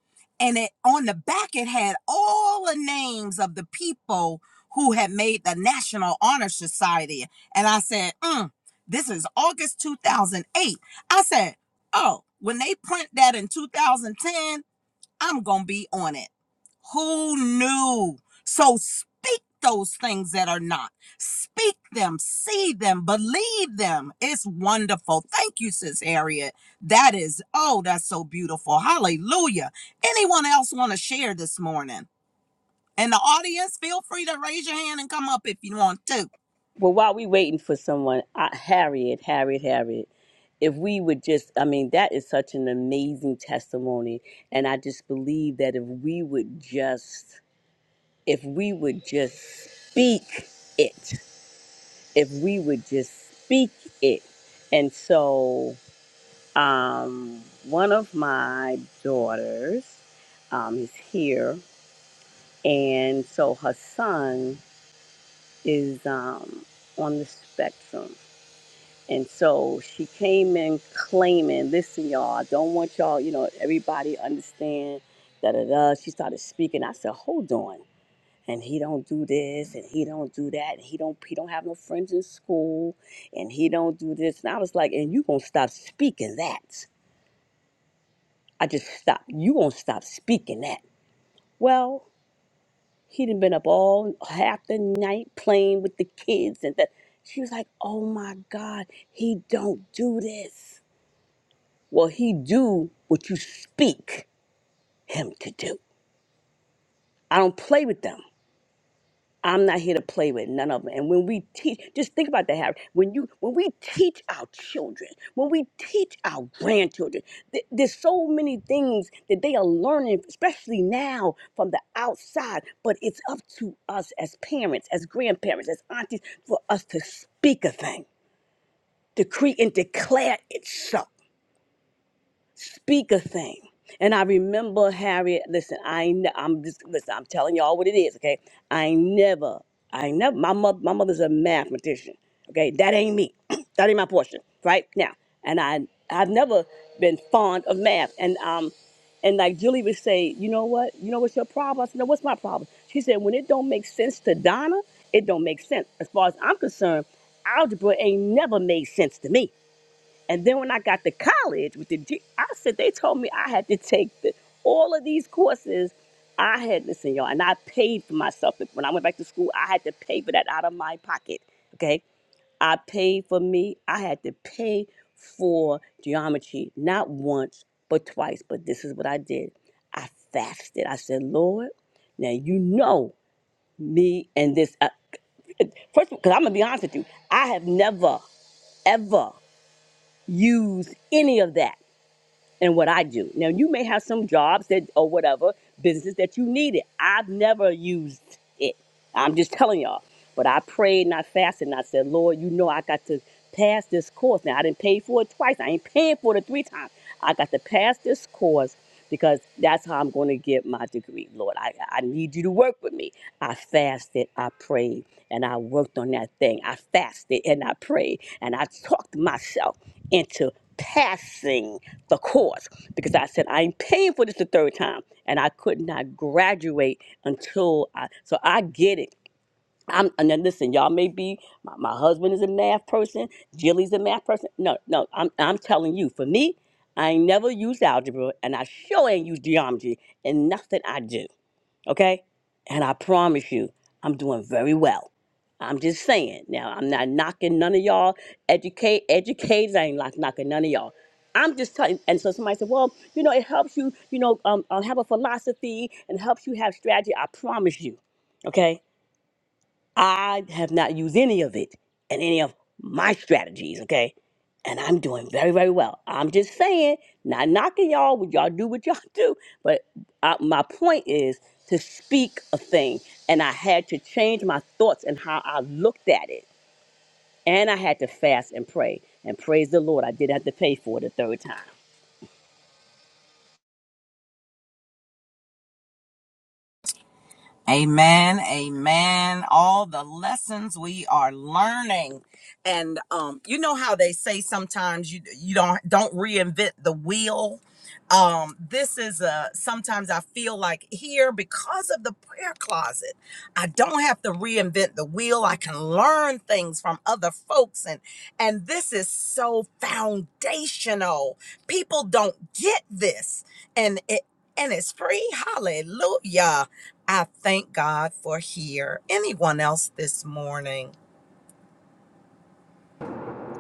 And it on the back it had all the names of the people who had made the National Honor Society. And I said, mm, this is August 2008. I said, oh, when they print that in 2010, I'm going to be on it. Who knew? So speak those things that are not. Speak them, see them, believe them. It's wonderful. Thank you, Sis Harriet. That is, oh, that's so beautiful. Hallelujah. Anyone else want to share this morning? In the audience, feel free to raise your hand and come up if you want to.
Well, while we waiting for someone, I, Harriet, Harriet, Harriet, if we would just, I mean, that is such an amazing testimony. And I just believe that if we would just, if we would just speak it, if we would just speak it. And so, um, one of my daughters um, is here. And so her son is um, on the spectrum. And so she came in claiming, listen, y'all, I don't want y'all, you know, everybody understand, da da da. She started speaking. I said, hold on. And he don't do this, and he don't do that, and he don't he don't have no friends in school, and he don't do this. And I was like, and you gonna stop speaking that? I just stopped. You gonna stop speaking that? Well, he done been up all half the night playing with the kids, and that. She was like, oh my God, he don't do this Well, he do what you speak him to do. I don't play with them. I'm not here to play with none of them. And when we teach, just think about that, Harry. When you when we teach our children, when we teach our grandchildren, th- there's so many things that they are learning, especially now from the outside. But it's up to us as parents, as grandparents, as aunties, for us to speak a thing, decree and declare it so. speak a thing. And I remember Harriet. Listen, I ain't- I'm just listen. I'm telling y'all what it is. Okay, I ain't never, I ain't never. My mother, my mother's a mathematician. Okay, that ain't me. *clears throat* that ain't my portion. Right now, and I, I've never been fond of math. And um, and like Julie would say, you know what? You know what's your problem? I said, no, what's my problem? She said, when it don't make sense to Donna, it don't make sense. As far as I'm concerned, algebra ain't never made sense to me. And then when I got to college with the, D- I said they told me I had to take the, all of these courses. I had listen, y'all, and I paid for myself. When I went back to school, I had to pay for that out of my pocket. Okay, I paid for me. I had to pay for geometry not once but twice. But this is what I did. I fasted. I said, Lord, now you know me and this. Uh, *laughs* first, because I'm gonna be honest with you, I have never ever used any of that and what I do. Now, you may have some jobs that or whatever businesses that you need it. I've never used it. I'm just telling y'all. But I prayed and I fasted and I said, Lord, you know I got to pass this course. Now I didn't pay for it twice. I ain't paying for it three times. I got to pass this course because that's how I'm going to get my degree. Lord, I, I need you to work with me. I fasted, I prayed, and I worked on that thing. I fasted and I prayed, and I talked myself into passing the course because I said i ain't paying for this the third time, and I could not graduate until I. So I get it. I'm and then listen, y'all may be my, my husband is a math person, Jilly's a math person. No, no, I'm I'm telling you, for me, I ain't never used algebra, and I sure ain't used geometry, and nothing I do okay? And I promise you, I'm doing very well. I'm just saying. Now, I'm not knocking none of y'all educate educators. I ain't like knocking none of y'all. I'm just telling. And so somebody said, "Well, you know, it helps you, you know, um, uh, have a philosophy and helps you have strategy." I promise you, okay? I have not used any of it in any of my strategies, okay? And I'm doing very, very well. I'm just saying, not knocking y'all, would y'all do what y'all *laughs* do? But I, my point is to speak a thing. And I had to change my thoughts and how I looked at it. And I had to fast and pray. And praise the Lord, I did have to pay for it a third time.
Amen. Amen. All the lessons we are learning. And um, you know how they say sometimes you you don't don't reinvent the wheel. Um, this is a sometimes I feel like here because of the prayer closet, I don't have to reinvent the wheel. I can learn things from other folks, and and this is so foundational. People don't get this, and it and it's free. Hallelujah. I thank God for here. Anyone else this morning?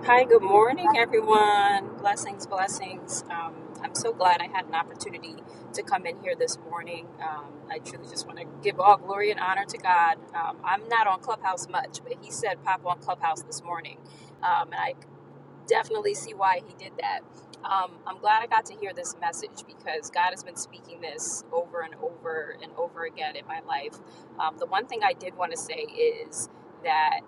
Hi, good morning, everyone. Blessings, blessings. Um, I'm so glad I had an opportunity to come in here this morning. Um, I truly just want to give all glory and honor to God. Um, I'm not on Clubhouse much, but He said pop on Clubhouse this morning. Um, and I definitely see why He did that. Um, I'm glad I got to hear this message because God has been speaking this over and over and over again in my life. Um, the one thing I did want to say is. that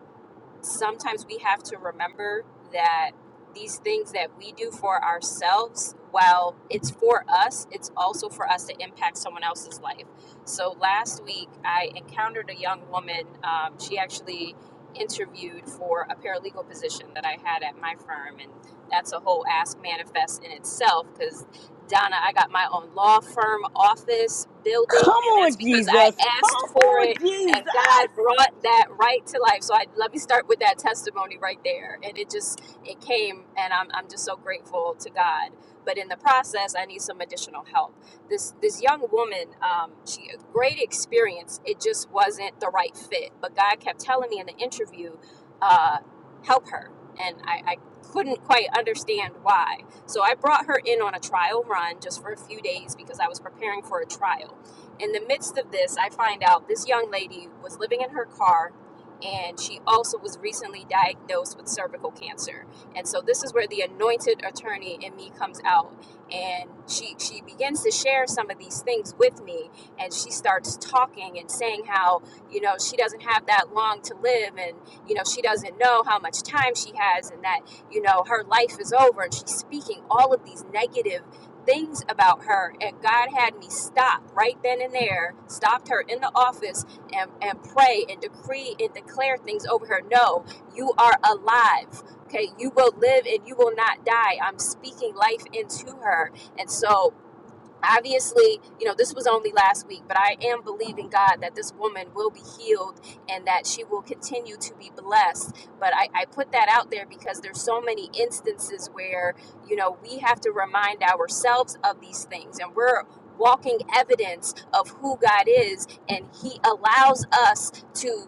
sometimes we have to remember that these things that we do for ourselves, while it's for us, it's also for us to impact someone else's life. So last week, I encountered a young woman. Um, she actually interviewed for a paralegal position that I had at my firm, and that's a whole ask manifest in itself because. Donna, I got my own law firm office
Come
building, and
on,
that's because
Jesus.
I asked
Come
for
on,
it
Jesus.
and God brought that right to life. So I let me start with that testimony right there, and it just it came, and I'm I'm just so grateful to God. But in the process, I need some additional help. This this young woman, um, she a great experience. It just wasn't the right fit. But God kept telling me in the interview, uh, help her, and I. I couldn't quite understand why. So I brought her in on a trial run just for a few days because I was preparing for a trial in the midst of this, I find out this young lady was living in her car and she also was recently diagnosed with cervical cancer. And so this is where the anointed attorney in me comes out and she she begins to share some of these things with me and she starts talking and saying how, you know, she doesn't have that long to live and you know, she doesn't know how much time she has and that, you know, her life is over and she's speaking all of these negative things about her and god had me stop right then and there stopped her in the office and, and pray and decree and declare things over her no you are alive okay you will live and you will not die i'm speaking life into her and so obviously, you know, this was only last week, but I am believing God that this woman will be healed and that she will continue to be blessed. But I, I put that out there because there's so many instances where, you know, we have to remind ourselves of these things and we're walking evidence of who God is and He allows us to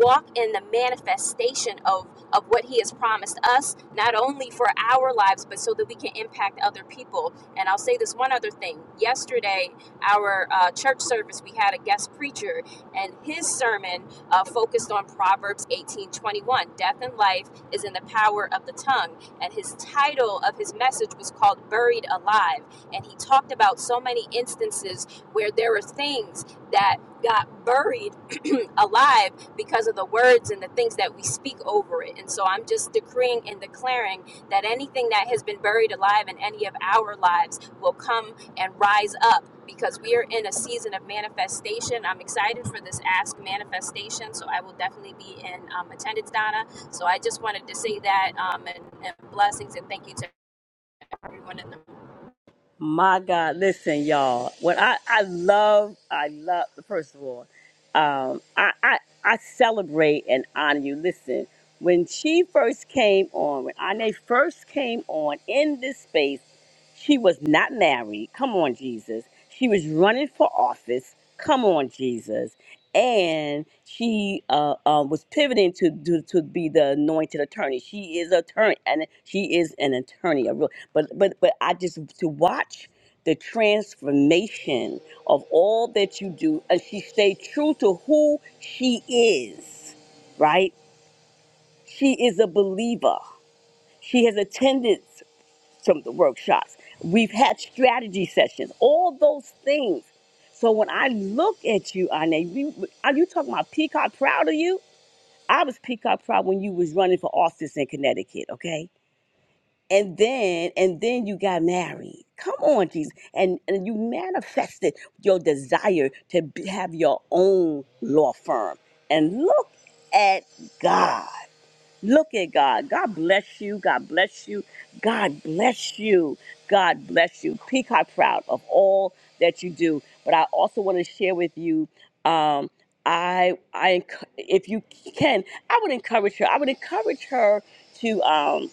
walk in the manifestation of of what he has promised us not only for our lives but so that we can impact other people and I'll say this one other thing. Yesterday, our uh, church service, we had a guest preacher, and his sermon uh, focused on Proverbs 18 21. Death and life is in the power of the tongue. And his title of his message was called Buried Alive. And he talked about so many instances where there are things that got buried alive because of the words and the things that we speak over it. And so I'm just decreeing and declaring that anything that has been buried alive in any of our lives will come and rise up because we are in a season of manifestation. I'm excited for this Ask manifestation, so I will definitely be in um, attendance, Donna. So I just wanted to say that um, and, and blessings and thank you to everyone in the
My God, listen, y'all. What I, I love, I love, first of all, um, I, I, I celebrate and honor you. Listen, when she first came on, when Ane first came on in this space, she was not married. Come on, Jesus. She was running for office. Come on, Jesus. And she uh, uh, was pivoting to, to to be the anointed attorney. She is attorney, and she is an attorney but but but I just to watch the transformation of all that you do and she stayed true to who she is right she is a believer she has attended some of the workshops we've had strategy sessions all those things so when I look at you Ine, you, are you talking about peacock proud of you I was peacock proud when you was running for office in Connecticut okay and then and then you got married come on jesus and and you manifested your desire to be, have your own law firm and look at god look at god god bless you god bless you god bless you god bless you peacock proud of all that you do but i also want to share with you um i i enc- if you can i would encourage her i would encourage her to um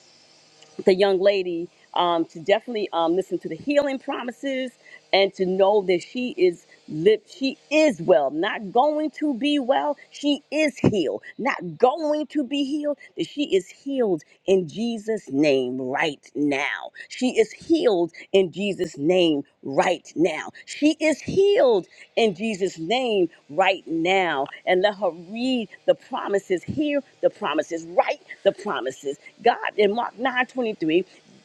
the young lady um, to definitely um, listen to the healing promises and to know that she is live she is well not going to be well she is healed not going to be healed that she is healed in jesus name right now she is healed in jesus name right now she is healed in Jesus' name right now and let her read the promises, hear the promises, write the promises. God, in Mark 9:23,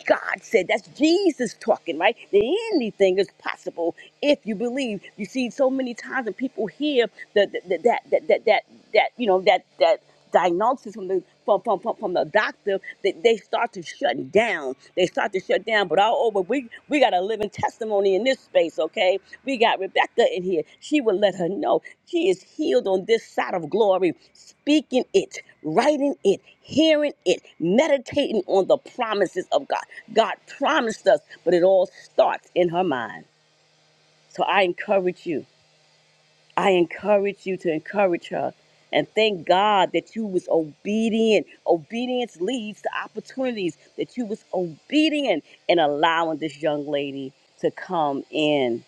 God said, that's Jesus talking, right? That anything is possible if you believe. You see, so many times that people hear the, the, the- that, that, that, that, that, you know, that, that diagnosis from the from, from, from, from the doctor that they start to shut down they start to shut down but all over we we got a living testimony in this space okay we got rebecca in here she will let her know she is healed on this side of glory speaking it writing it hearing it meditating on the promises of god god promised us but it all starts in her mind so i encourage you I encourage you to encourage her. And thank God that you was obedient. Obedience leads to opportunities. That you was obedient in allowing this young lady to come in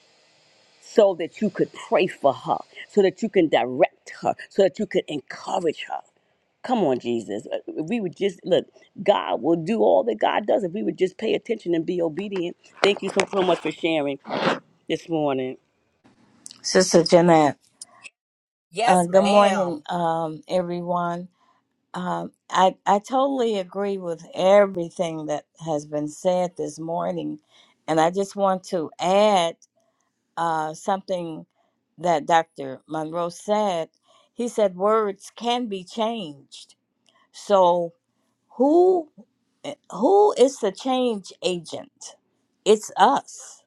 so that you could pray for her, so that you can direct her, so that you could encourage her. Come on, Jesus. Uh, If we would just look, God will do all that God does if we would just pay attention and be obedient. Thank you so, so much for sharing this morning.
Sister Jeanette. Uh,
Yes,
good
ma'am.
morning, um, everyone. Um, I, I totally agree with everything that has been said this morning. And I just want to add uh, something that Dr. Monroe said. He said words can be changed. So who who is the change agent? It's us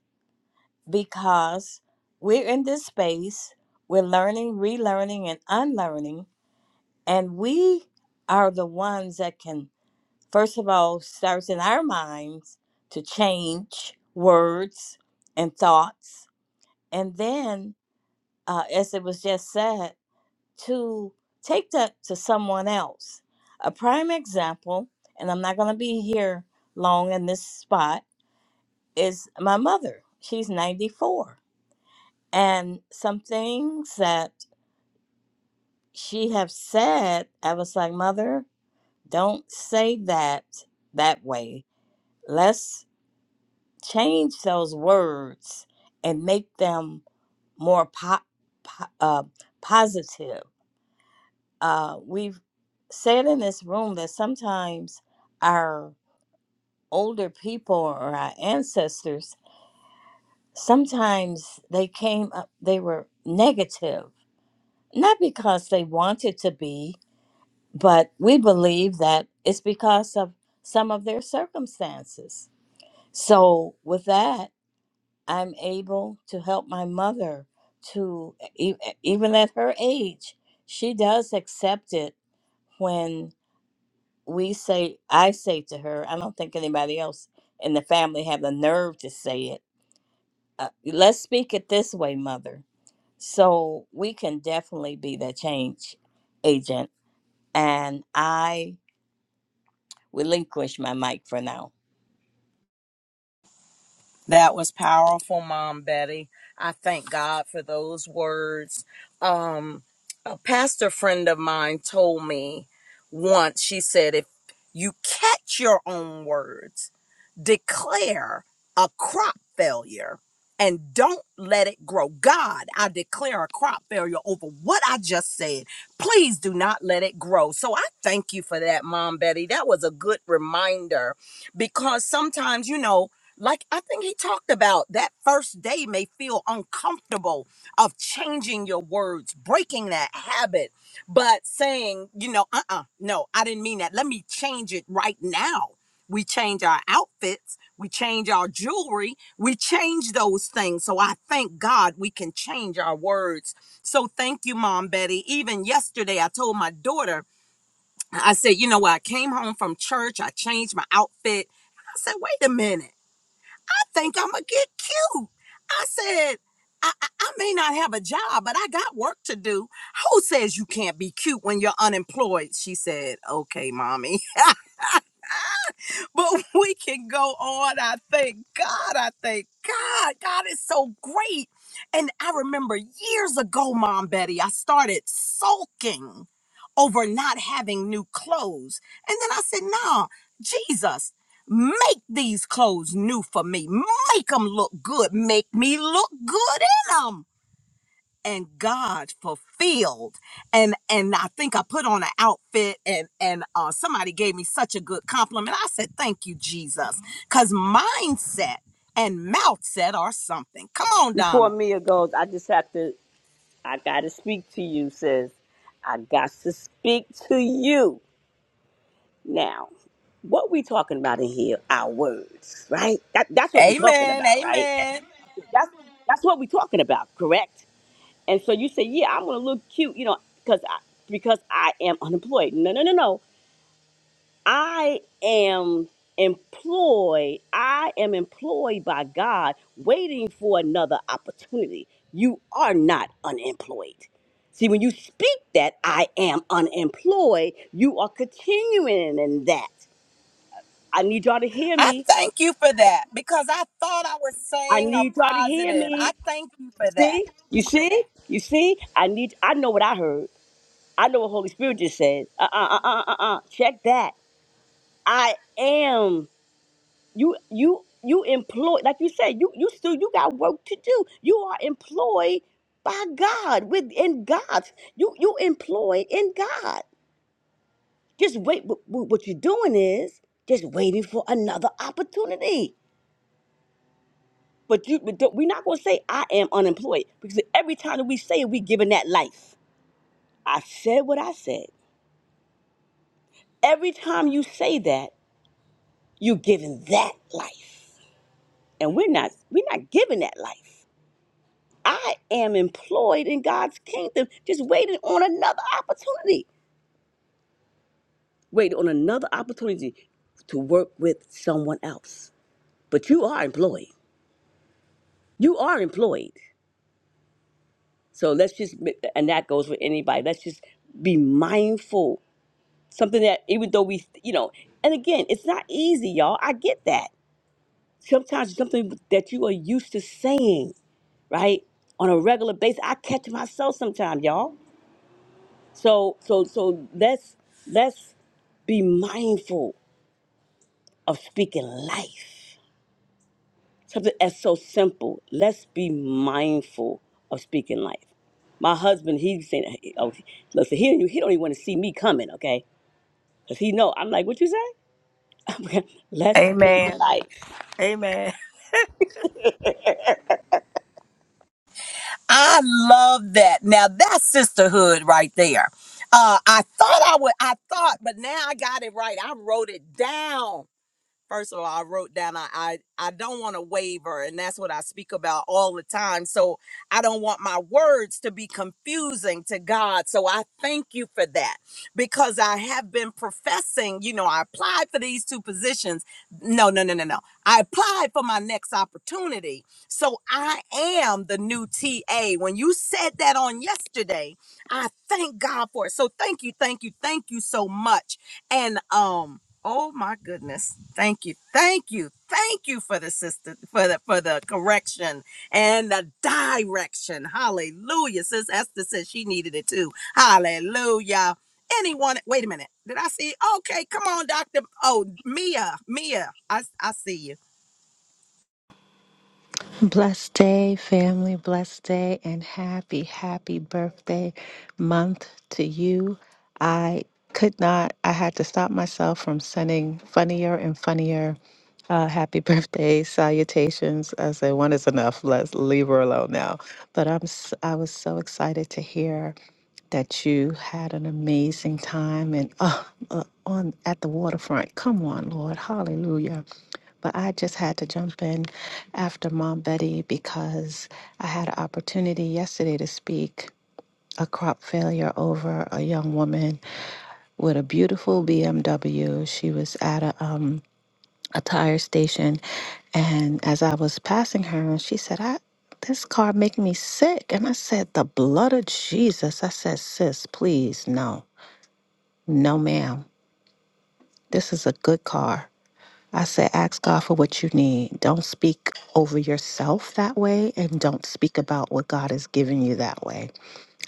because we're in this space, we're learning, relearning, and unlearning, and we are the ones that can, first of all, start in our minds to change words and thoughts, and then, uh, as it was just said, to take that to someone else. A prime example, and I'm not going to be here long in this spot, is my mother. She's 94 And some things that she have said, I was like, Mother, don't say that that way. Let's change those words and make them more po- po- uh, positive. Uh, we've said in this room that sometimes our older people or our ancestors, sometimes they came up, they were negative, not because they wanted to be, but we believe that it's because of some of their circumstances. So, with that, I'm able to help my mother to, e- e, even at her age, she does accept it when we say, I say to her, I don't think anybody else in the family have the nerve to say it. Uh, let's speak it this way, mother. So, we can definitely be that change agent. And I relinquish my mic for now.
That was powerful, Mom Betty. I thank God for those words. Um, a pastor friend of mine told me once, she said, if you catch your own words, declare a crop failure and don't let it grow. God, I declare a crop failure over what I just said. Please do not let it grow. So I thank you for that, Mom Betty. That was a good reminder because sometimes, you know, like I think he talked about that first day may feel uncomfortable of changing your words, breaking that habit, but saying, you know, uh uh no, I didn't mean that. Let me change it right now. We change our outfits, we change our jewelry, we change those things. So I thank God we can change our words. So thank you, Mom Betty. Even yesterday, I told my daughter, I said, you know what, I came home from church, I changed my outfit. I said, wait a minute think I'm gonna get cute. I said, I, I, I may not have a job, but I got work to do. Who says you can't be cute when you're unemployed? She said, Okay, mommy. *laughs* *laughs* but we can go on. I thank God. I thank God. God is so great. And I remember years ago, Mom Betty, I started sulking over not having new clothes. And then I said, nah, Jesus, make these clothes new for me. Make them look good. Make me look good in them and God fulfilled. And and I think I put on an outfit and and uh, somebody gave me such a good compliment. I said, "Thank you, Jesus," because mindset and mouth set are something. Come on,
Before
Donna.
Mia goes, I just have to I got to speak to you, sis. I got to speak to you. Now, what we talking about in here? Our words, right? That, that's what we talking
Amen.
about, right?
Amen.
That's that's what we talking about, correct? And so you say, yeah, I'm gonna look cute, you know, because I because I am unemployed. No, no, no, no. I am employed. I am employed by God, waiting for another opportunity. You are not unemployed. See, when you speak that I am unemployed, you are continuing in that. I need y'all to hear
I
me.
thank you for that because I thought I was
I
saying a
need y'all to hear
positive.
me.
I thank you for that.
see? You see? You see? I need. I know what I heard. I know what Holy Spirit just said. Uh uh uh uh uh. uh. Check that. I am. you you you employ like you said you you still you got work to do you are employed by god within god you you employed in god just wait what, what what you're doing is just waiting for another opportunity but you but don't- we're not going to say i am unemployed because every time that we say it we giving that life i said what i said every time you say that you're giving that life and we're not we're not giving that life I am employed in God's kingdom, just waiting on another opportunity. Waiting on another opportunity to work with someone else. But you are employed. You are employed. So let's just, be- and that goes with anybody. Let's just be mindful. Something that, even though we, you know, and again, it's not easy, y'all. I get that. Sometimes it's something that you are used to saying, right? On a regular basis. I catch myself sometimes, y'all. So so so let's let's be mindful of speaking life. Something that's so simple. Let's be mindful of speaking life. My husband, he's saying, "Oh, listen, he he don't even want to see me coming, okay? Cause he know I'm like, what you say? *laughs* Let's speak
Amen.
life.
Amen.
I love that. Now that's sisterhood right there. Uh, I thought I would. I thought, but now I got it right. I wrote it down First of all, I wrote down I I, I don't want to waver, and that's what I speak about all the time. So I don't want my words to be confusing to God. So I thank you for that because I have been professing. You know, I applied for these two positions. No, no, no, no, no. I applied for my next opportunity. So I am the new TA. When you said that on yesterday, I thank God for it. So thank you, thank you, thank you so much. And um Oh my goodness. Thank you. Thank you. Thank you for the sister for the for the correction and the direction. Hallelujah. Sis Esther said she needed it too. Hallelujah. Anyone wait a minute. Did I see? Okay, come on, Dr. Oh, Mia. Mia. I I see you.
Blessed day, family, blessed day, and happy, happy birthday month to you. I could not, I had to stop myself from sending funnier and funnier uh, happy *laughs* birthday, salutations. I say one is enough. Let's leave her alone now. But I'm s- I was so excited to hear that you had an amazing time and uh, uh, on at the waterfront. Come on, Lord, Hallelujah. But I just had to jump in after Mom Betty because I had an opportunity yesterday to speak a crop failure over a young woman with a beautiful BMW. She was at a um, a tire station and as I was passing her, she said, I this car making me sick. And I said, The blood of Jesus. I said, sis, please, no. No, ma'am. This is a good car. I said, ask God for what you need. Don't speak over yourself that way and don't speak about what God has given you that way.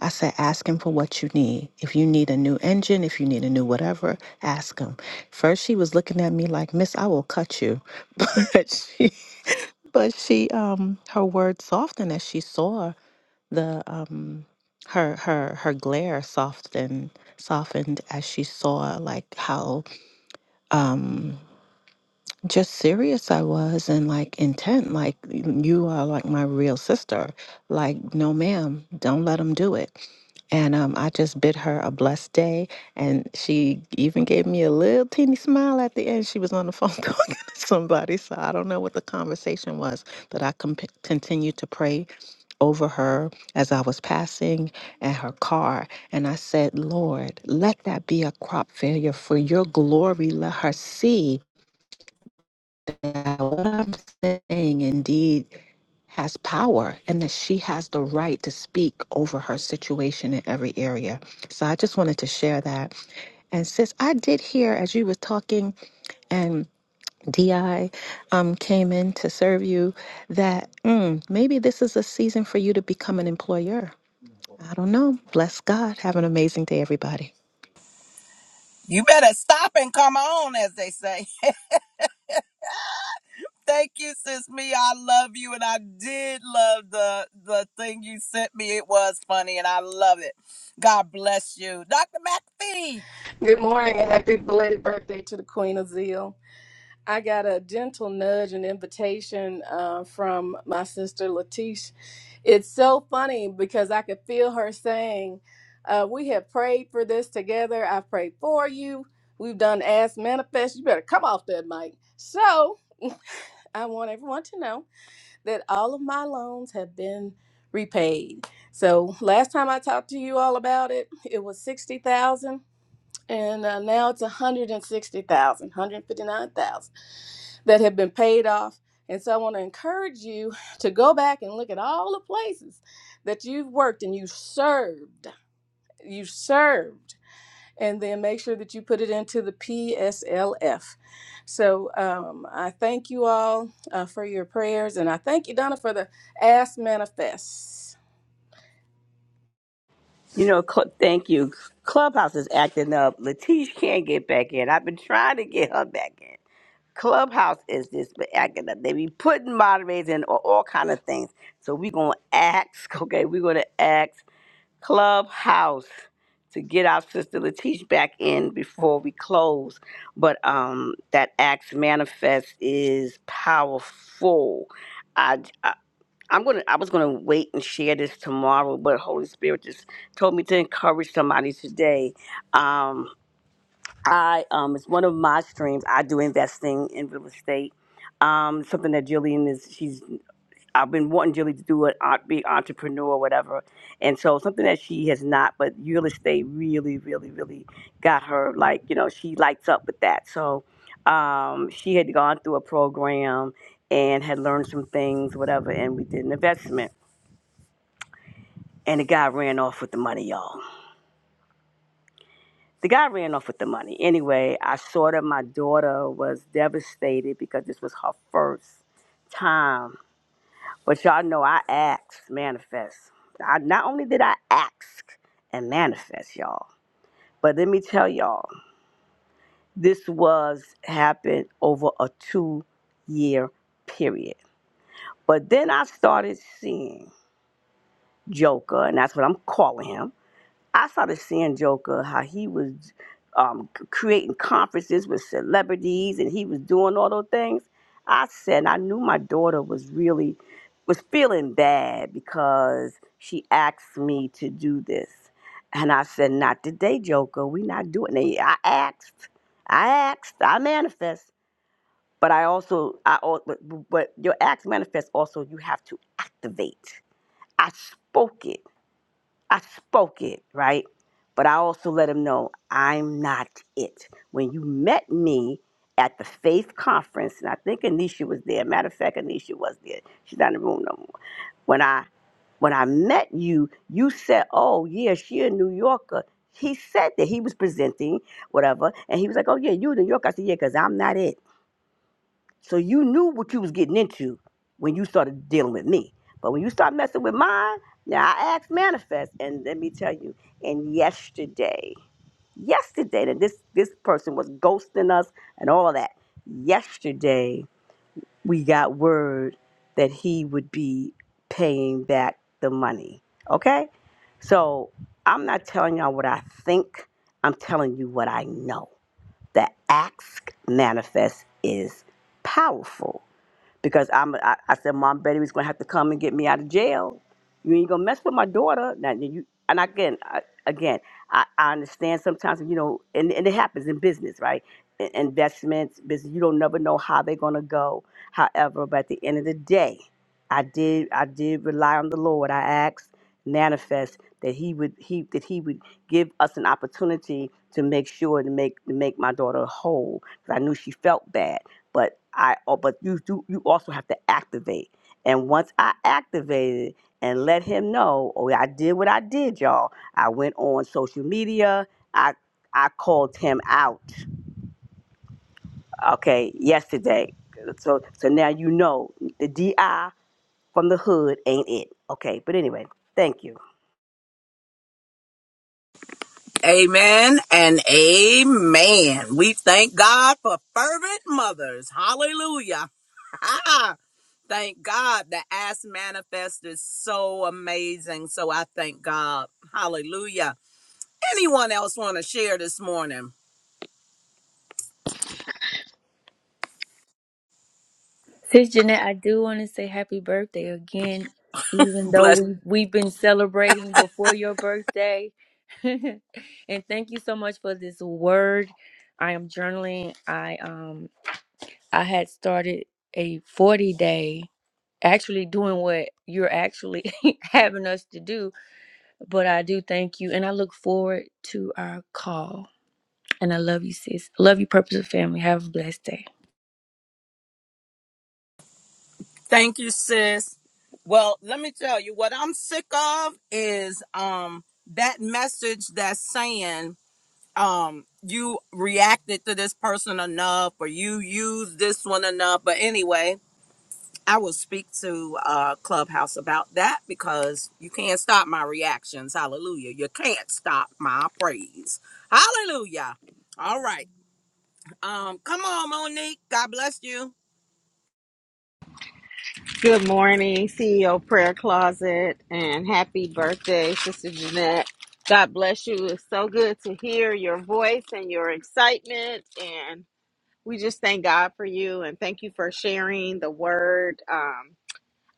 I said, ask Him for what you need. If you need a new engine, if you need a new whatever, ask Him. First, she was looking at me like, Miss, I will cut you. *laughs* But she, um, her words softened as she saw the, um, her her her glare softened softened as she saw like how um just serious I was and like intent like you are like my real sister like no ma'am don't let him do it and um, I just bid her a blessed day. And she even gave me a little teeny smile at the end. She was on the phone *laughs* talking to somebody. So I don't know what the conversation was, but I com- continued to pray over her as I was passing and her car. And I said, Lord, let that be a crop failure for your glory. Let her see that what I'm saying indeed has power and that she has the right to speak over her situation in every area. So I just wanted to share that. And sis, I did hear as you were talking and DI um, came in to serve you that mm, maybe this is a season for you to become an employer. I don't know. Bless God. Have an amazing day, everybody.
You better stop and come on, as they say. Thank you, sis me. I love you, and I did love the the thing you sent me. It was funny, and I love it. God bless you, Dr. McPhee.
Good morning and happy belated birthday to the Queen of Zeal. I got a gentle nudge and invitation uh, from my sister Latish. It's so funny because I could feel her saying, uh, We have prayed for this together. I've prayed for you. We've done Ask Manifest. You better come off that mic. So *laughs* I want everyone to know that all of my loans have been repaid. So last time I talked to you all about it, it was 60,000 and uh, now it's 160,000, 159,000 that have been paid off. And so I want to encourage you to go back and look at all the places that you've worked and you served, you served, and then make sure that you put it into the PSLF. So um, I thank you all uh, for your prayers, and I thank you, Donna, for the Ask Manifest.
You know, cl- thank you. Clubhouse is acting up. Latish can't get back in. I've been trying to get her back in. Clubhouse is this, but acting up. They be putting moderators in or all kind of things. So we gonna ask, *laughs* okay, we gonna ask Clubhouse to get our sister Latish back in before we close. But um that Acts manifest is powerful. I, I I'm gonna I was gonna wait and share this tomorrow, but Holy Spirit just told me to encourage somebody today. Um I um, it's one of my streams. I do investing in real estate. Um, something that Jillian is she's I've been wanting Jillian to do an art be entrepreneur or whatever. And so something that she has not, but real estate really, really, really got her like, you know, she lights up with that. So um, she had gone through a program and had learned some things, whatever, and we did an investment and the guy ran off with the money, y'all. the guy ran off with the money. Anyway, I saw that my daughter was devastated because this was her first time. But y'all know I asked, manifest. I, not only did I ask and manifest, y'all, but let me tell y'all, this was happened over a two year period. But then I started seeing Joker, and that's what I'm calling him I started seeing Joker how he was um, c- creating conferences with celebrities and he was doing all those things. I said, and I knew my daughter was really was feeling bad because she asked me to do this, and I said, not today, Joker. We not doing it. I asked, I asked, I manifest, but I also, I al- but, but your acts manifest also. You have to activate. I spoke it. I spoke it, right? But I also let him know I'm not it. When you met me at the Faith Conference, and I think Anisha was there. Matter of fact, Anisha was there. She's not in the room no more. When I when I met you, you said, "Oh yeah, she a New Yorker." He said that he was presenting whatever, and he was like, "Oh yeah, you a New Yorker." I said, "Yeah, because I'm not it." So you knew what you was getting into when you started dealing with me. But when you start messing with mine, now I asked manifest, and let me tell you, and yesterday, yesterday that this this person was ghosting us and all of that. Yesterday we got word that he would be paying back the money. Okay? So I'm not telling y'all what I think. I'm telling you what I know. The ask manifest is powerful because I'm I, I said Mom Betty was gonna have to come and get me out of jail. You ain't gonna mess with my daughter. Now you and again I, again I, I understand sometimes you know and, and it happens in business right in, investments business you don't never know how they're gonna go. However, but at the end of the day, I did I did rely on the Lord. I asked manifest that he would he that he would give us an opportunity to make sure to make to make my daughter whole 'Cause I knew she felt bad but I oh, but you do you also have to activate. And once I activated and let him know, oh I did what I did, y'all. I went on social media. I I called him out. Okay, yesterday. So so now you know the DI from the hood ain't it. Okay, but anyway, thank you.
Amen and amen. We thank God for fervent mothers. Hallelujah. *laughs* thank God the ass manifest is so amazing. So I thank God. Hallelujah. Anyone else want to share this morning?
Sis Jeanette, I do want to say happy birthday again, even though
Bless.
we we've been celebrating before your birthday. *laughs* and thank you so much for this word. I am journaling. I um I had started a 40 day actually doing what you're actually *laughs* having us to do, but I do thank you and I look forward to our call. And I love you, sis. Love you, purpose of family. Have a blessed day.
Thank you, sis. Well, let me tell you what I'm sick of is um that message that's saying um you reacted to this person enough or you used this one enough. But anyway, I will speak to uh Clubhouse about that because you can't stop my reactions. Hallelujah. You can't stop my praise. Hallelujah. All right. Um come on Monique. God bless you.
Good morning, CEO Prayer Closet, and happy birthday, Sister Jeanette. God bless you. It's so good to hear your voice and your excitement. And we just thank God for you and thank you for sharing the word. Um,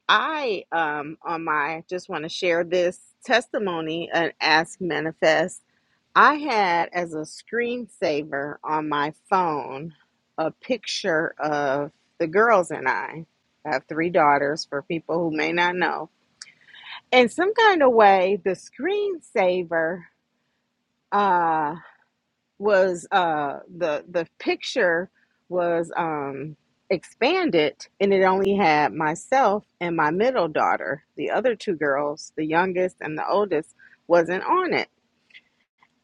I, um, on my, just want to share this testimony and ask manifest. I had as a screensaver on my phone a picture of the girls and I. I have three daughters for people who may not know. In some kind of way, the screensaver uh, was uh, the the picture was um, expanded, and it only had myself and my middle daughter. The other two girls, the youngest and the oldest, wasn't on it.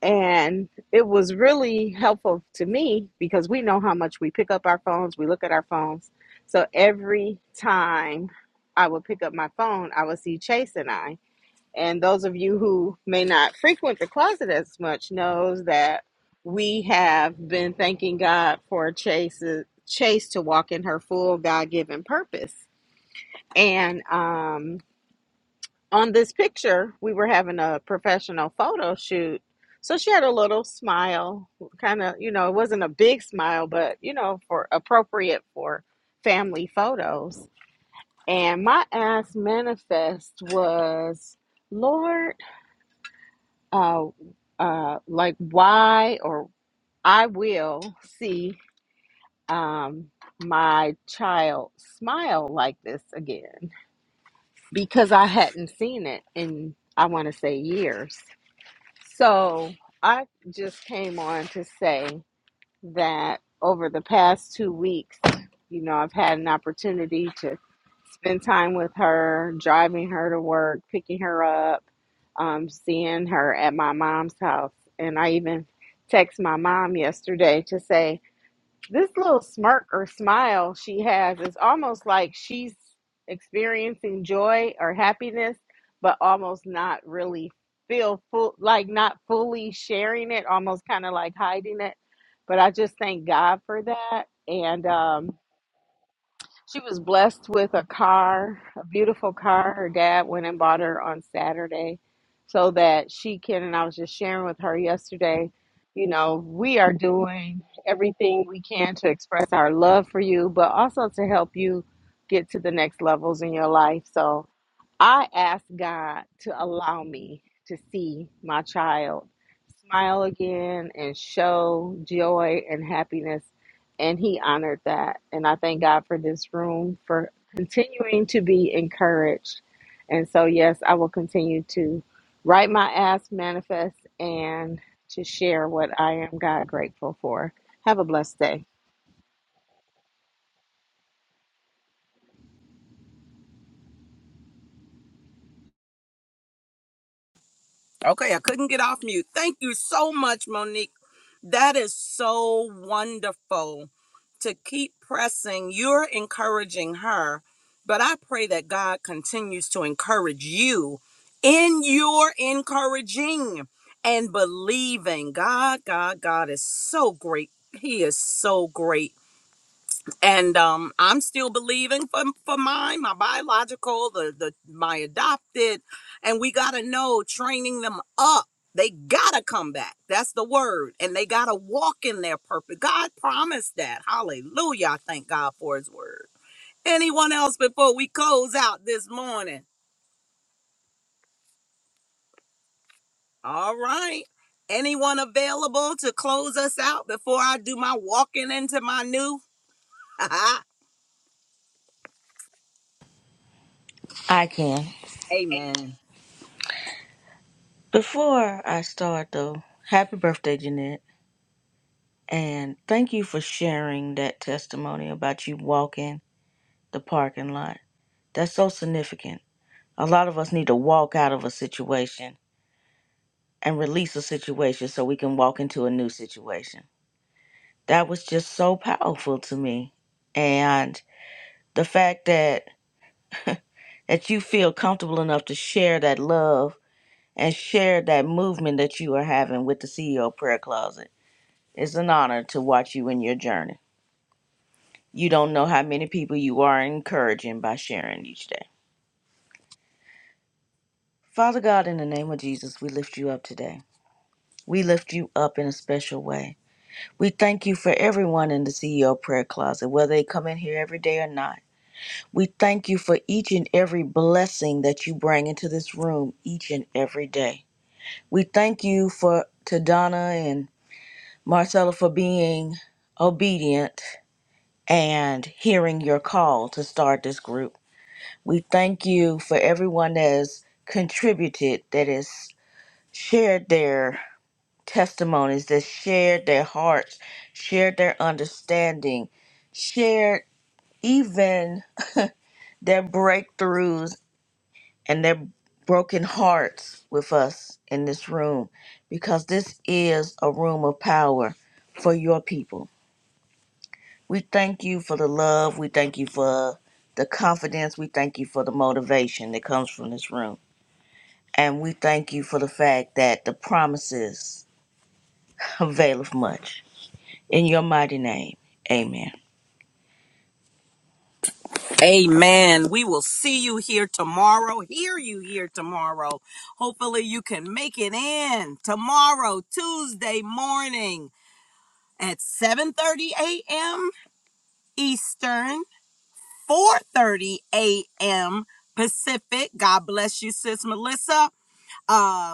And it was really helpful to me because we know how much we pick up our phones, we look at our phones. So every time I would pick up my phone, I would see Chase and I. And those of you who may not frequent the closet as much knows that we have been thanking God for Chase Chase to walk in her full God-given purpose. And um on this picture, we were having a professional photo shoot. So she had a little smile, kind of, you know, it wasn't a big smile, but, you know, for appropriate for family photos. And my ass manifest was, Lord, uh, uh, like, why or I will see um, my child smile like this again because I hadn't seen it in, I want to say, years. So I just came on to say that over the past two weeks, you know, I've had an opportunity to spend time with her, driving her to work, picking her up, um, seeing her at my mom's house. And I even text my mom yesterday to say, this little smirk or smile she has is almost like she's experiencing joy or happiness, but almost not really feel full, like not fully sharing it, almost kind of like hiding it. But I just thank God for that. And, um, she was blessed with a car, a beautiful car. Her dad went and bought her on Saturday so that she can, and I was just sharing with her yesterday, you know, we are doing everything we can to express our love for you, but also to help you get to the next levels in your life. So I ask God to allow me to see my child smile again and show joy and happiness and he honored that. And I thank God for this room for continuing to be encouraged. And so, yes, I will continue to write my ass manifest and to share what I am God grateful for. Have a blessed day.
Okay, I couldn't get off mute. Thank you so much, Monique. That is so wonderful to keep pressing. You're encouraging her, but I pray that God continues to encourage you in your encouraging and believing. God, God, God is so great. He is so great and um, I'm still believing for for mine, my biological, the the my adopted, and we gotta know training them up. They gotta come back. That's the word, and they gotta walk in their purpose. God promised that. Hallelujah! I thank God for His word. Anyone else before we close out this morning? All right. Anyone available to close us out before I do my walking into my new? *laughs*
I can.
Amen.
Before I start, though, happy birthday, Jeanette. And thank you for sharing that testimony about you walking the parking lot. That's so significant. A lot of us need to walk out of a situation and release a situation so we can walk into a new situation. That was just so powerful to me. And the fact that that you feel comfortable enough to share that love and share that movement that you are having with the CEO prayer closet It's an honor to watch you in your journey. You don't know how many people you are encouraging by sharing each day. Father God, in the name of Jesus, we lift you up today. We lift you up in a special way. We thank you for everyone in the CEO prayer closet, whether they come in here every day or not. We thank you for each and every blessing that you bring into this room each and every day. We thank you for to Donna and Marcella for being obedient and hearing your call to start this group. We thank you for everyone that has contributed, that has shared their testimonies, that shared their hearts, shared their understanding, shared even their breakthroughs and their broken hearts with us in this room, because this is a room of power for your people. We thank you for the love. We thank you for the confidence. We thank you for the motivation that comes from this room. And we thank you for the fact that the promises *laughs* availeth much. In your mighty name, amen.
Amen. We will see you here tomorrow, hear you here tomorrow. Hopefully, you can make it in tomorrow, Tuesday morning at 7:30 a.m. Eastern, 4:30 a.m. Pacific. God bless you, sis Melissa. Uh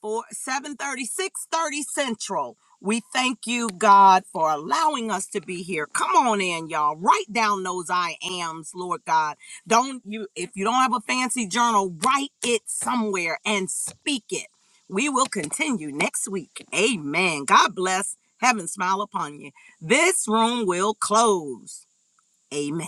for seven thirty, six thirty Central. We thank you, God, for allowing us to be here. Come on in, y'all. Write down those I ams, Lord God. Don't you if you don't have a fancy journal, write it somewhere and speak it. We will continue next week. Amen. God bless. Heaven smile upon you. This room will close. Amen.